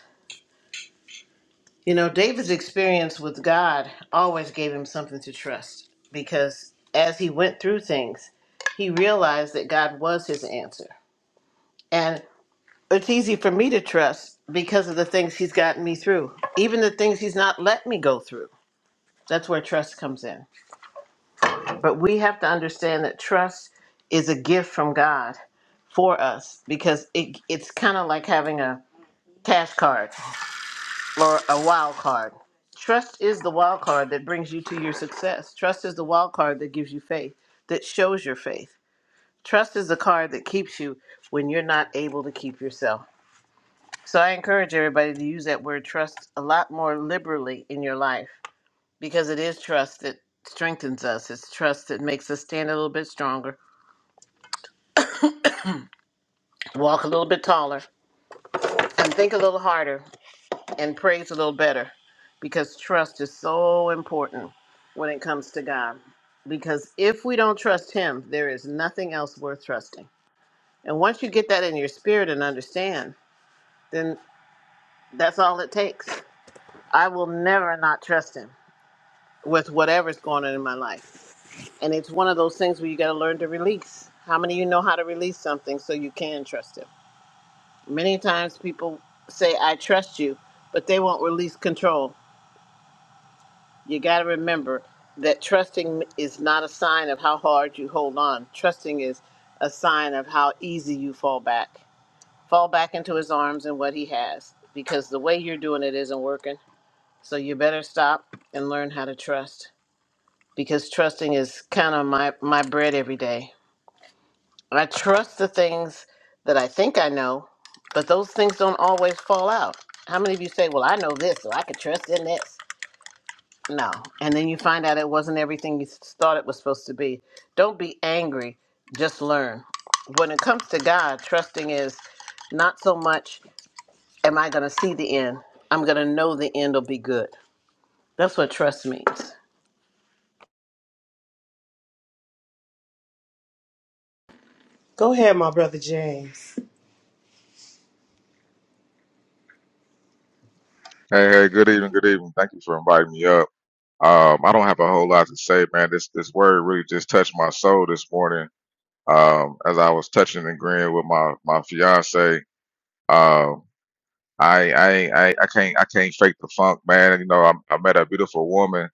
Speaker 6: You know, David's experience with God always gave him something to trust because as he went through things, he realized that God was his answer. And it's easy for me to trust because of the things he's gotten me through, even the things he's not let me go through. That's where trust comes in. But we have to understand that trust is a gift from God for us because it, it's kind of like having a cash card or a wild card. Trust is the wild card that brings you to your success. Trust is the wild card that gives you faith, that shows your faith. Trust is the card that keeps you when you're not able to keep yourself. So I encourage everybody to use that word trust a lot more liberally in your life because it is trust that strengthens us. It's trust that makes us stand a little bit stronger, walk a little bit taller, and think a little harder and prays a little better because trust is so important when it comes to God. Because if we don't trust Him, there is nothing else worth trusting. And once you get that in your spirit and understand, then that's all it takes. I will never not trust Him with whatever's going on in my life. And it's one of those things where you got to learn to release. How many of you know how to release something so you can trust Him? Many times people say, I trust you, but they won't release control you got to remember that trusting is not a sign of how hard you hold on. Trusting is a sign of how easy you fall back. Fall back into his arms and what he has because the way you're doing it isn't working. So you better stop and learn how to trust because trusting is kind of my, my bread every day. I trust the things that I think I know, but those things don't always fall out. How many of you say, Well, I know this, so I can trust in this? No. And then you find out it wasn't everything you s- thought it was supposed to be. Don't be angry, just learn. When it comes to God, trusting is not so much, am I going to see the end? I'm going to know the end will be good. That's what trust means.
Speaker 3: go ahead my brother james
Speaker 7: Hey, hey, good evening, good evening. Thank you for inviting me up. Um, I don't have a whole lot to say, man. This this word really just touched my soul this morning. Um, as I was touching and agreeing with my my fiance, um, I I ain't- I I can't I can't fake the funk, man. You know, I, I met a beautiful woman,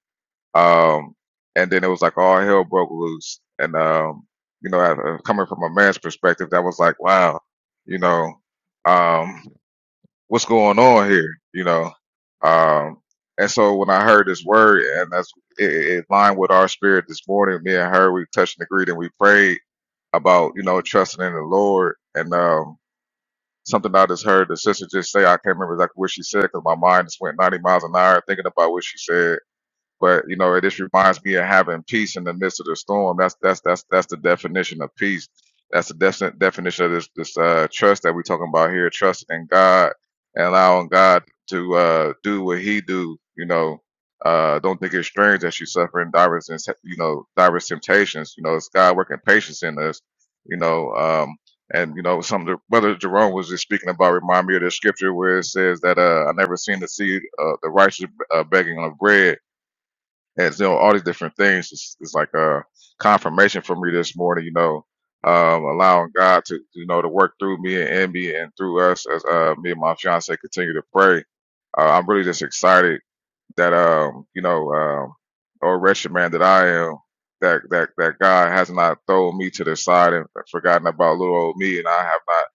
Speaker 7: um, and then it was like all hell broke loose. And um, you know, I, uh, coming from a man's perspective, that was like, wow, you know. um. what's going on here? You know, um, and so when I heard this word, and that's it, it lined with our spirit this morning. Me and her, we touched and agreed, and we prayed about you know trusting in the Lord. And um, something I just heard the sister just say, I can't remember exactly what she said because my mind just went 90 miles an hour thinking about what she said but you know, it just reminds me of having peace in the midst of the storm. That's that's that's that's the definition of peace. That's the defi- definition of this this uh, trust that we're talking about here. Trust in God and allowing God to uh, do what He do. You know, uh, don't think it's strange that you suffer in diverse and you know diverse temptations. You know, it's God working patience in us. You know, um, and you know, some of the brother Jerome was just speaking about remind me of the scripture where it says that uh, I never seen the seed uh, the righteous uh, begging of bread and you know, all these different things is, is like a confirmation for me this morning. You know, um, allowing God to you know to work through me and in me and through us as uh, me and my fiance continue to pray. Uh, I'm really just excited that um, you know, um, or wretched man that I am, that that that God has not thrown me to the side and forgotten about little old me, and I have not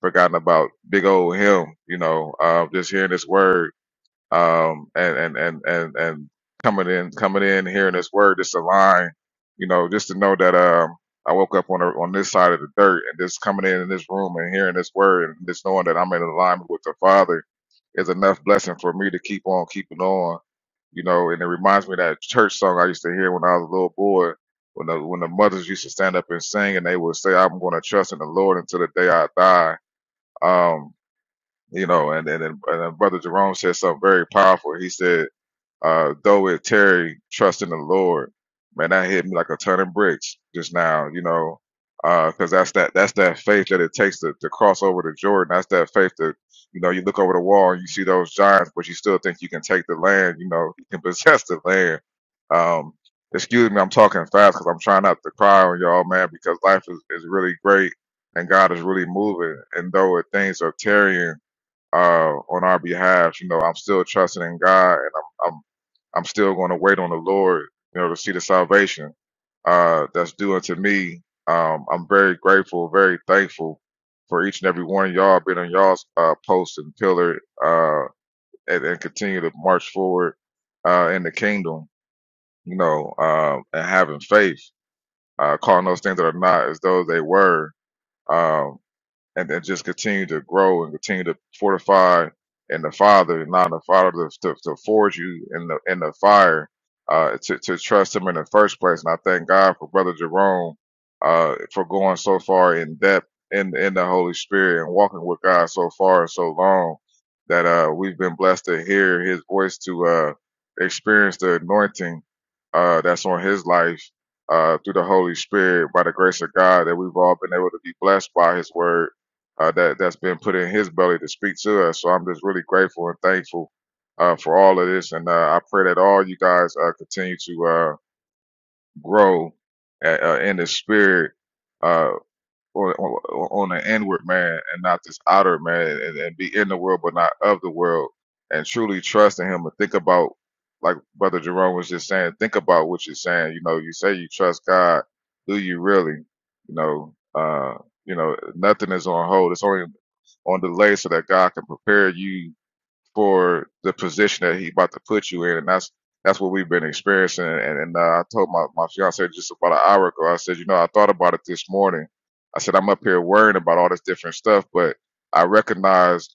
Speaker 7: forgotten about big old him. You know, uh, just hearing this word um, and and and and and coming in coming in hearing this word, this a line, you know, just to know that um, I woke up on a, on this side of the dirt, and just coming in in this room and hearing this word, and just knowing that I'm in alignment with the Father is enough blessing for me to keep on keeping on, you know. And it reminds me of that church song I used to hear when I was a little boy. When the, when the mothers used to stand up and sing, and they would say, "I'm going to trust in the Lord until the day I die." Um, you know, and and, and uh, Brother Jerome said something very powerful. He said, uh, "Though it tarry, trust in the Lord." Man, that hit me like a ton of bricks just now, you know, because that's that that's that faith that it takes to, to cross over to Jordan. That's that faith that you know you look over the wall and you see those giants, but you still think you can take the land. You know, you can possess the land. Um, excuse me, I'm talking fast because I'm trying not to cry on y'all, man, because life is, is really great and God is really moving. And though it things are tarrying uh, on our behalf. You know, I'm still trusting in God, and I'm I'm I'm still going to wait on the Lord. You know, to see the salvation uh, that's due unto me. Um, I'm very grateful, very thankful for each and every one of y'all being on y'all's uh, post and pillar uh, and, and continue to march forward uh, in the kingdom. You know, um, and having faith, uh, calling those things that are not as though they were. Um, and, and just continue to grow and continue to fortify in the Father, and allow the Father to, to, to forge you in the in the fire, uh, to, to trust Him in the first place. And I thank God for Brother Jerome uh, for going so far in depth in in the Holy Spirit and walking with God so far and so long that uh, we've been blessed to hear His voice to uh, experience the anointing uh, that's on His life. Uh, through the Holy Spirit, by the grace of God, that we've all been able to be blessed by His Word, uh, that that's been put in His belly to speak to us. So I'm just really grateful and thankful uh, for all of this, and uh, I pray that all you guys uh, continue to uh, grow uh uh, in the spirit. Uh, on, on, on an inward man and not this outer man and, and be in the world but not of the world and truly trust in him and think about like brother jerome was just saying think about what you're saying you know you say you trust god do you really you know uh you know nothing is on hold it's only on delay so that god can prepare you for the position that he's about to put you in, and that's that's what we've been experiencing. And, and uh, I told my my fiance just about an hour ago. I said, you know, I thought about it this morning. I said, I'm up here worrying about all this different stuff, but I recognized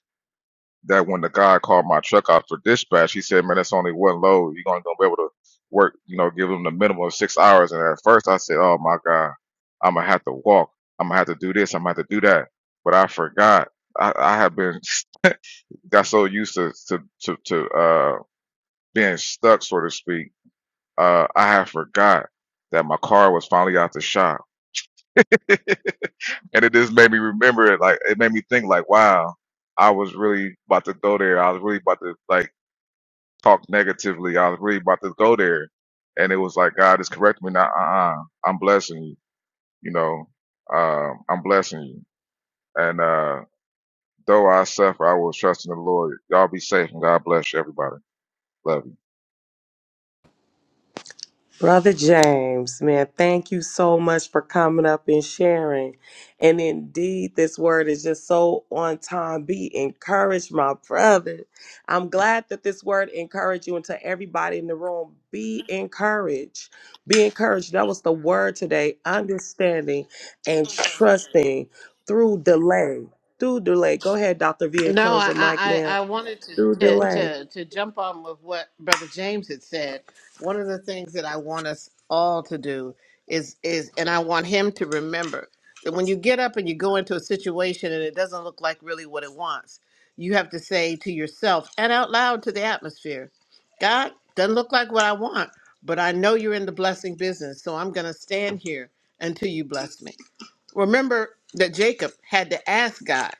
Speaker 7: that when the guy called my truck out for dispatch, he said, man, that's only one load. You're gonna, be able to work, you know, give him the minimum of six hours. And at first, I said, oh my god, I'm gonna have to walk. I'm gonna have to do this. I'm gonna have to do that. But I forgot. I, I have been got so used to to to, to uh being stuck, so to speak, uh I had forgot that my car was finally out the shop. and it just made me remember it like it made me think like, wow, I was really about to go there. I was really about to like talk negatively. I was really about to go there. And it was like God is correcting me now, uh uh I'm blessing you, you know. Um, I'm blessing you. And uh though I suffer, I will trust in the Lord. Y'all be safe and God bless you everybody. Love you.
Speaker 3: Brother James, man, thank you so much for coming up and sharing. And indeed, this word is just so on time. Be encouraged, my brother. I'm glad that this word encouraged you and to everybody in the room. Be encouraged. Be encouraged. That was the word today. Understanding and trusting through delay. Through delay. Go ahead, Dr. V, and
Speaker 6: No,
Speaker 3: close
Speaker 6: I,
Speaker 3: your mic,
Speaker 6: I,
Speaker 3: man.
Speaker 6: I I wanted to,
Speaker 3: Through
Speaker 6: to,
Speaker 3: delay.
Speaker 6: to, to jump on with what Brother James had said. One of the things that I want us all to do is, is and I want him to remember that when you get up and you go into a situation and it doesn't look like really what it wants, you have to say to yourself and out loud to the atmosphere, God, doesn't look like what I want, but I know you're in the blessing business, so I'm going to stand here until you bless me. Remember that Jacob had to ask God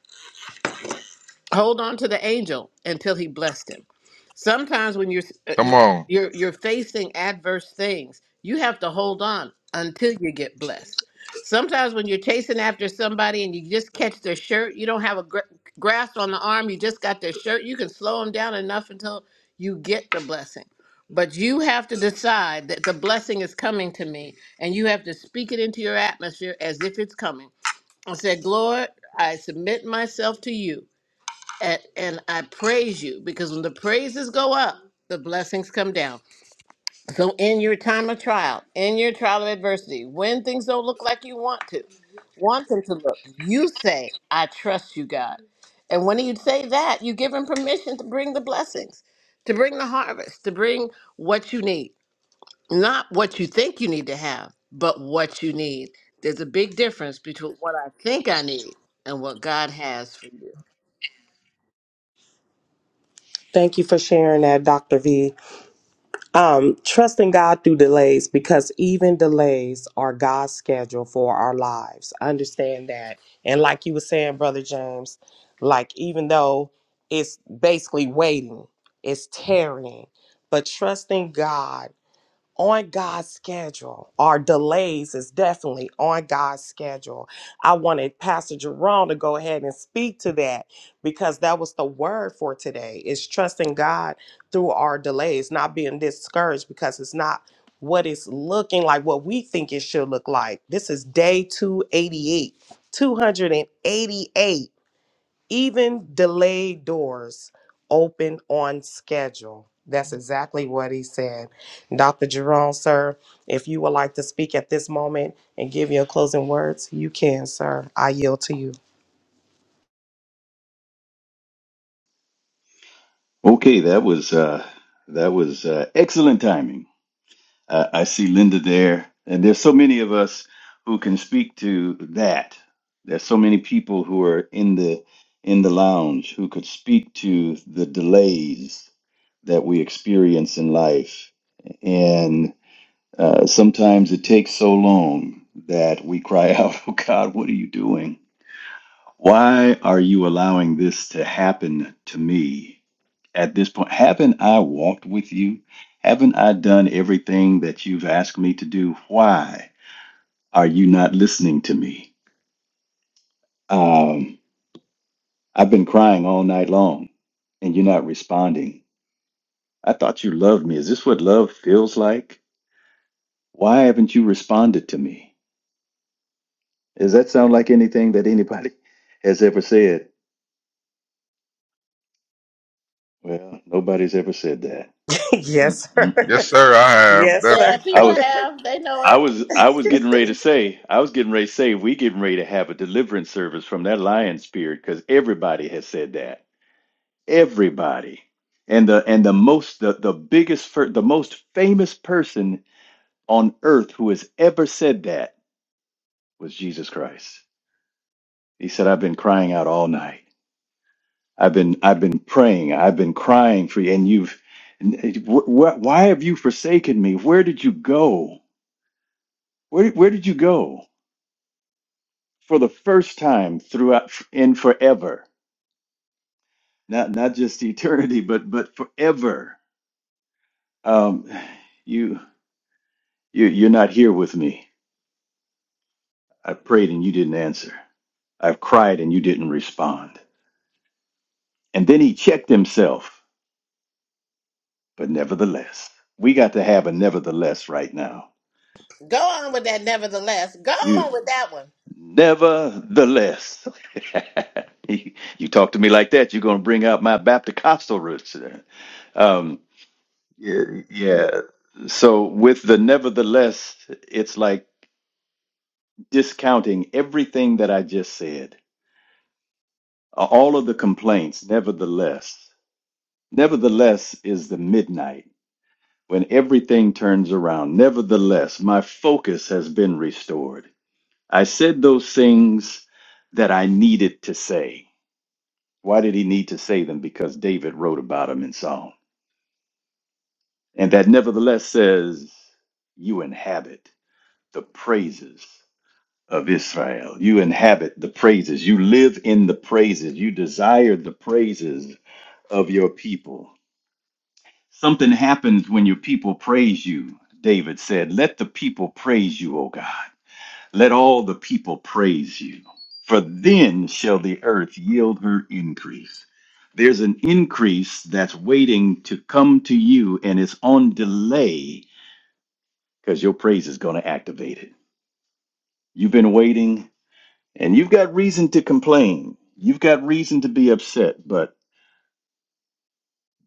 Speaker 6: hold on to the angel until he blessed him. Sometimes when you're uh,
Speaker 7: Come
Speaker 6: you-
Speaker 7: on.
Speaker 6: you're you're facing adverse things, you have to hold on until you get blessed. Sometimes when you're chasing after somebody and you just catch their shirt, you don't have a gr- grasp on the arm, you just got their shirt, you can slow them down enough until you get the blessing. But you have to decide that the blessing is coming to me and you have to speak it into your atmosphere as if it's coming. I said, Lord, I submit myself to you and, and I praise you because when the praises go up, the blessings come down. So, in your time of trial, in your trial of adversity, when things don't look like you want to, want them to look, you say, I trust you, God. And when you say that, you give him permission to bring the blessings, to bring the harvest, to bring what you need. Not what you think you need to have, but what you need. There's a big difference between what I think I need and what God has for you.
Speaker 3: Thank you for sharing that, Dr. V. Um, trusting God through delays because even delays are God's schedule for our lives. Understand that. And like you were saying, Brother James, like even though it's basically waiting, it's tarrying, but trusting God on God's schedule. Our delays is definitely on God's schedule. I wanted Pastor Jerome to go ahead and speak to that because that was the word for today is trusting God through our delays, not being discouraged because it's not what it's looking like, what we think it should look like. This is day 288, 288. Even delayed doors open on schedule. That's exactly what he said. Dr. Jerome, sir, if you would like to speak at this moment and give your closing words, you can, sir. I yield to you.
Speaker 2: Okay, that was uh, that was uh, excellent timing. Uh, I see Linda there, and there's so many of us who can speak to that. There's so many people who are in the in the lounge who could speak to the delays that we experience in life, Uh, sometimes it takes so long that we cry out, Oh God, what are you doing? Why are you allowing this to happen to me at this point? Haven't I walked with you? Haven't I done everything that you've asked me to do? Why are you not listening to me? Um, I've been crying all night long and you're not responding. I thought you loved me. Is this what love feels like? Why haven't you responded to me? Does that sound like anything that anybody has ever said? Well, nobody's ever said that.
Speaker 3: yes, sir.
Speaker 7: Yes,
Speaker 2: Mm-mm.
Speaker 7: sir. I have
Speaker 3: yes,
Speaker 7: definitely.
Speaker 6: Yeah,
Speaker 3: sir.
Speaker 2: I
Speaker 6: people
Speaker 2: was
Speaker 6: have. They know
Speaker 2: I
Speaker 6: it.
Speaker 2: was I was getting ready to say I was getting ready to say we getting ready to have a deliverance service from that lion spirit because everybody has said that everybody and the and the most the the biggest fir- the most famous person on earth who has ever said that was Jesus Christ. He said I've been crying out all night. I've been I've been praying. I've been crying for you, and you've. and it- wh- wh- Why have you forsaken me? Where did you go? Where where did you go for the first time throughout in forever? Not not just eternity, but but forever. Um, you you you're not here with me. I prayed and you didn't answer. I've cried and you didn't respond. And then he checked himself, but nevertheless, we got to have a nevertheless right now.
Speaker 6: Go on with that, nevertheless. Go on with that one.
Speaker 2: Nevertheless, you you talk to me like that, you're going to bring out my Baptist Costal roots. Um, yeah, yeah. So, with the nevertheless, it's like discounting everything that I just said, all of the complaints. Nevertheless, nevertheless is the midnight when everything turns around. Nevertheless, my focus has been restored. I said those things that I needed to say. Why did he need to say them? Because David wrote about them in Psalm. And that nevertheless says, You inhabit the praises of Israel. You inhabit the praises. You live in the praises. You desire the praises of your people. Something happens when your people praise you, David said. Let the people praise you, O God. Let all the people praise you, for then shall the earth yield her increase. There's an increase that's waiting to come to you, and it's on delay because your praise is going to activate it. You've been waiting, and you've got reason to complain. You've got reason to be upset, but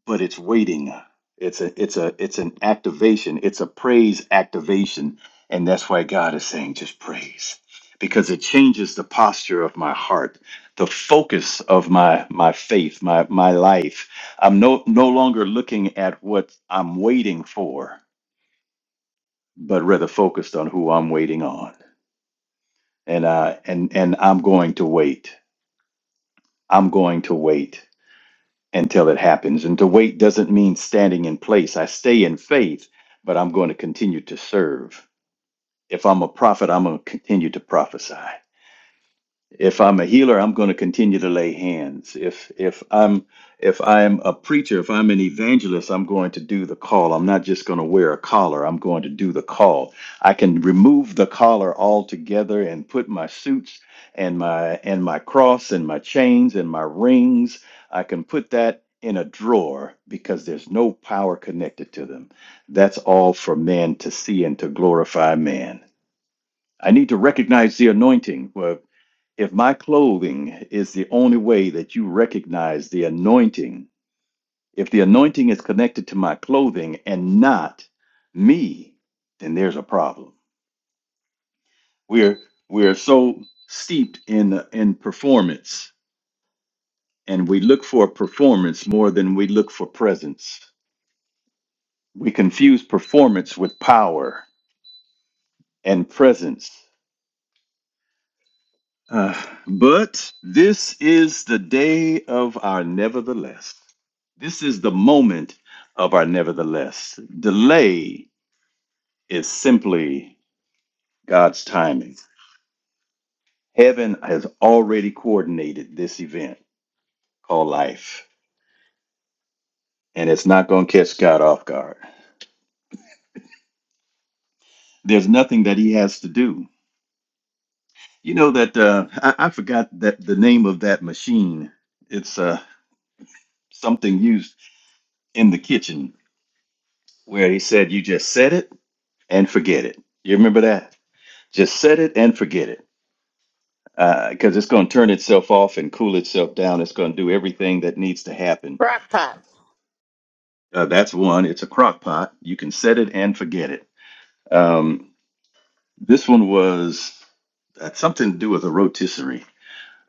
Speaker 2: but it's waiting. It's a it's a it's an activation. It's a praise activation, and that's why God is saying just praise because it changes the posture of my heart, the focus of my my faith, my my life. I'm no no longer looking at what I'm waiting for, but rather focused on who I'm waiting on. And uh and and I'm going to wait. I'm going to wait. until it happens. And to wait doesn't mean standing in place. I stay in faith, but I'm going to continue to serve. If I'm a prophet, I'm going to continue to prophesy. If I'm a healer, I'm going to continue to lay hands. If if I'm if I'm a preacher, if I'm an evangelist, I'm going to do the call. I'm not just going to wear a collar. I'm going to do the call. I can remove the collar altogether and put my suits and my and my cross and my chains and my rings. I can put that in a drawer because there's no power connected to them. That's all for man to see and to glorify man. I need to recognize the anointing. Well, if my clothing is the only way that you recognize the anointing, if the anointing is connected to my clothing and not me, then there's a problem. We're we're so steeped in in performance and we look for performance more than we look for presence. We confuse performance with power and presence. Uh, but this is the day of our nevertheless. This is the moment of our nevertheless. Delay is simply God's timing. Heaven has already coordinated this event called life, and it's not going to catch God off guard. There's nothing that he has to do. You know that uh, I, I forgot that the name of that machine. It's uh, something used in the kitchen where he said, "You just said it." and forget it. You remember that? Just set it and forget it because it's going to turn itself off and cool itself down. It's going to do everything that needs to happen.
Speaker 6: Crock pot.
Speaker 2: Uh, that's one. It's a crock pot. You can set it and forget it. Um, this one was uh, something to do with a rotisserie,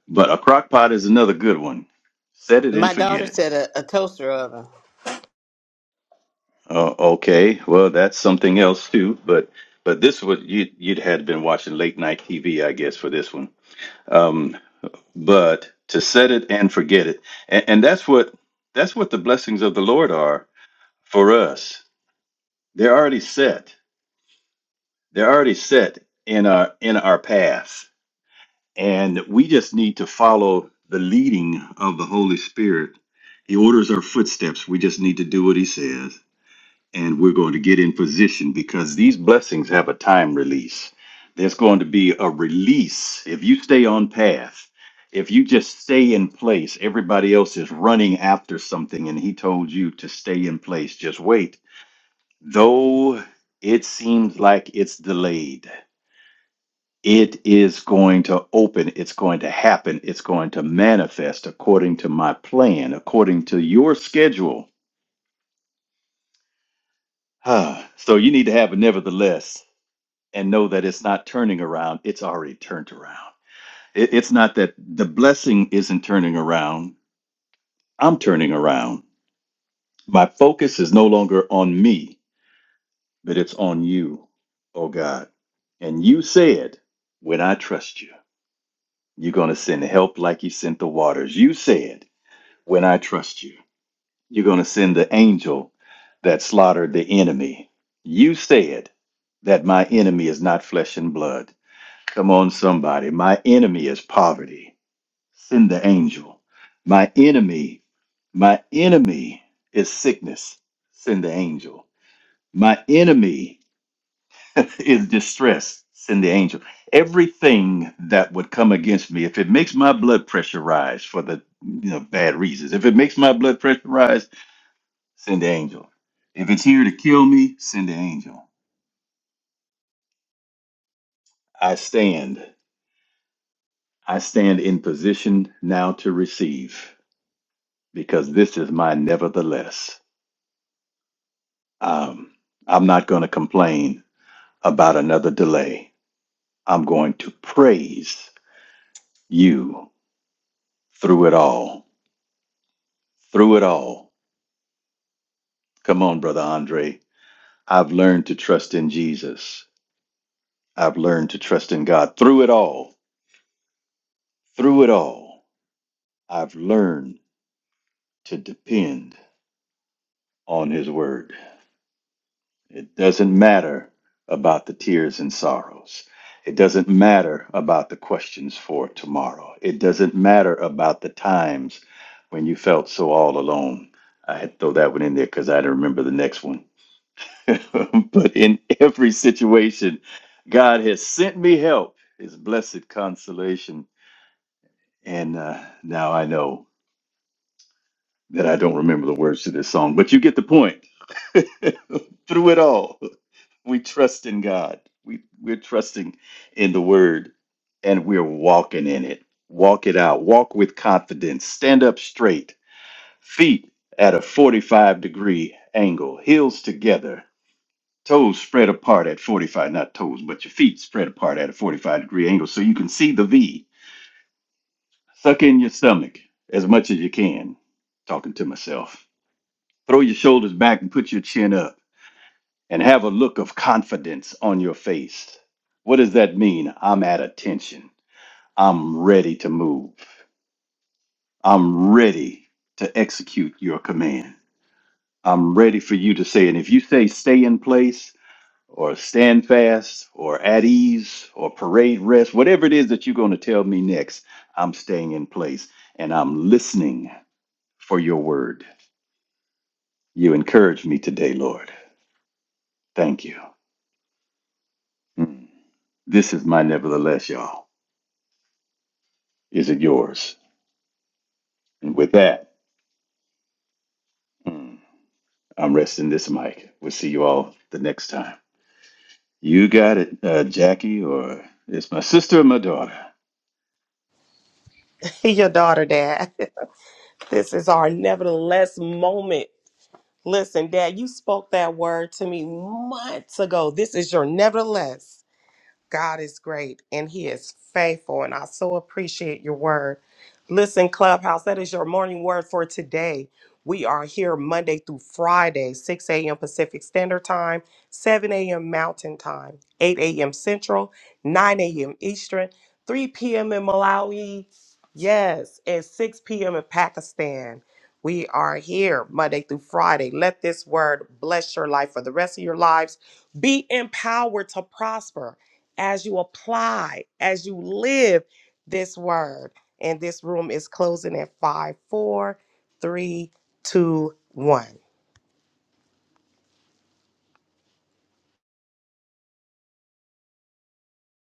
Speaker 2: but a crock pot is another good one. Set it and
Speaker 6: My
Speaker 2: forget
Speaker 6: daughter
Speaker 2: it.
Speaker 6: said a, a toaster oven.
Speaker 2: Uh, okay, well that's something else too. But but this would you you'd had been watching late night TV, I guess, for this one. Um, but to set it and forget it and, and that's what that's what the blessings of the lord are for us they're already set they're already set in our in our path and we just need to follow the leading of the holy spirit he orders our footsteps we just need to do what he says and we're going to get in position because these blessings have a time release. There's going to be a release. If you stay on path, if you just stay in place, everybody else is running after something, and he told you to stay in place. Just wait. Though it seems like it's delayed, it is going to open, it's going to happen, it's going to manifest according to my plan, according to your schedule. Ah, so you need to have a nevertheless and know that it's not turning around, it's already turned around. It- it's not that the blessing isn't turning around, I'm turning around. My focus is no longer on me, but it's on you, oh God. And you said, when I trust you, you're going to send help like you sent the waters. You said, when I trust you, you're going to send the angel that slaughtered the enemy. You said that my enemy is not flesh and blood. Come on, somebody. My enemy is poverty. Send the angel. My enemy, my enemy is sickness. Send the angel. My enemy is distress. Send the angel. Everything that would come against me, if it makes my blood pressure rise for the you know bad reasons, if it makes my blood pressure rise, send the angel. If it's here to kill me, send the angel. I stand. I stand in position now to receive. because this is my nevertheless. Um, I'm not going to complain about another delay. I'm going to praise you through it all. Through it all. Come on, Brother Andre. I've learned to trust in Jesus. I've learned to trust in God. Through it all. Through it all. I've learned to depend on His word. It doesn't matter about the tears and sorrows. It doesn't matter about the questions for tomorrow. It doesn't matter about the times when you felt so all alone. I had to throw that one in there because I didn't remember the next one. but in every situation, God has sent me help, his blessed consolation. And uh, now I know that I don't remember the words to this song, but you get the point. Through it all, we trust in God. We we're trusting in the word and we're walking in it. Walk it out. Walk with confidence. Stand up straight. Feet at a 45 degree angle. Heels together. Toes spread apart at 45, not toes, but your feet spread apart at a 45 degree angle so you can see the V. Suck in your stomach as much as you can. Talking to myself Throw your shoulders back and put your chin up and have a look of confidence on your face. What does that mean? I'm at attention. I'm ready to move. I'm ready to execute your command. I'm ready for you to say, and if you say stay in place or stand fast or at ease or parade rest, whatever it is that you're going to tell me next, I'm staying in place and I'm listening for your word. You encourage me today, Lord. Thank you. Mm. This is my nevertheless, y'all. Is it yours? And with that, mm, I'm resting this mic. We'll see you all the next time. You got it, uh, Jackie, or it's my sister or my daughter.
Speaker 3: your daughter, Dad. This is our nevertheless moment. Listen, Dad, you spoke that word to me months ago. This is your nevertheless. God is great and he is faithful. And I so appreciate your word. Listen, Clubhouse, that is your morning word for today. We are here Monday through Friday, 6 a.m. Pacific Standard Time, 7 a.m. Mountain Time, 8 a.m. Central, 9 a.m. Eastern, 3 p.m. in Malawi, yes, and 6 p.m. in Pakistan. We are here Monday through Friday. Let this word bless your life for the rest of your lives. Be empowered to prosper as you apply, as you live this word. And this room is closing at five, four, three, two, one.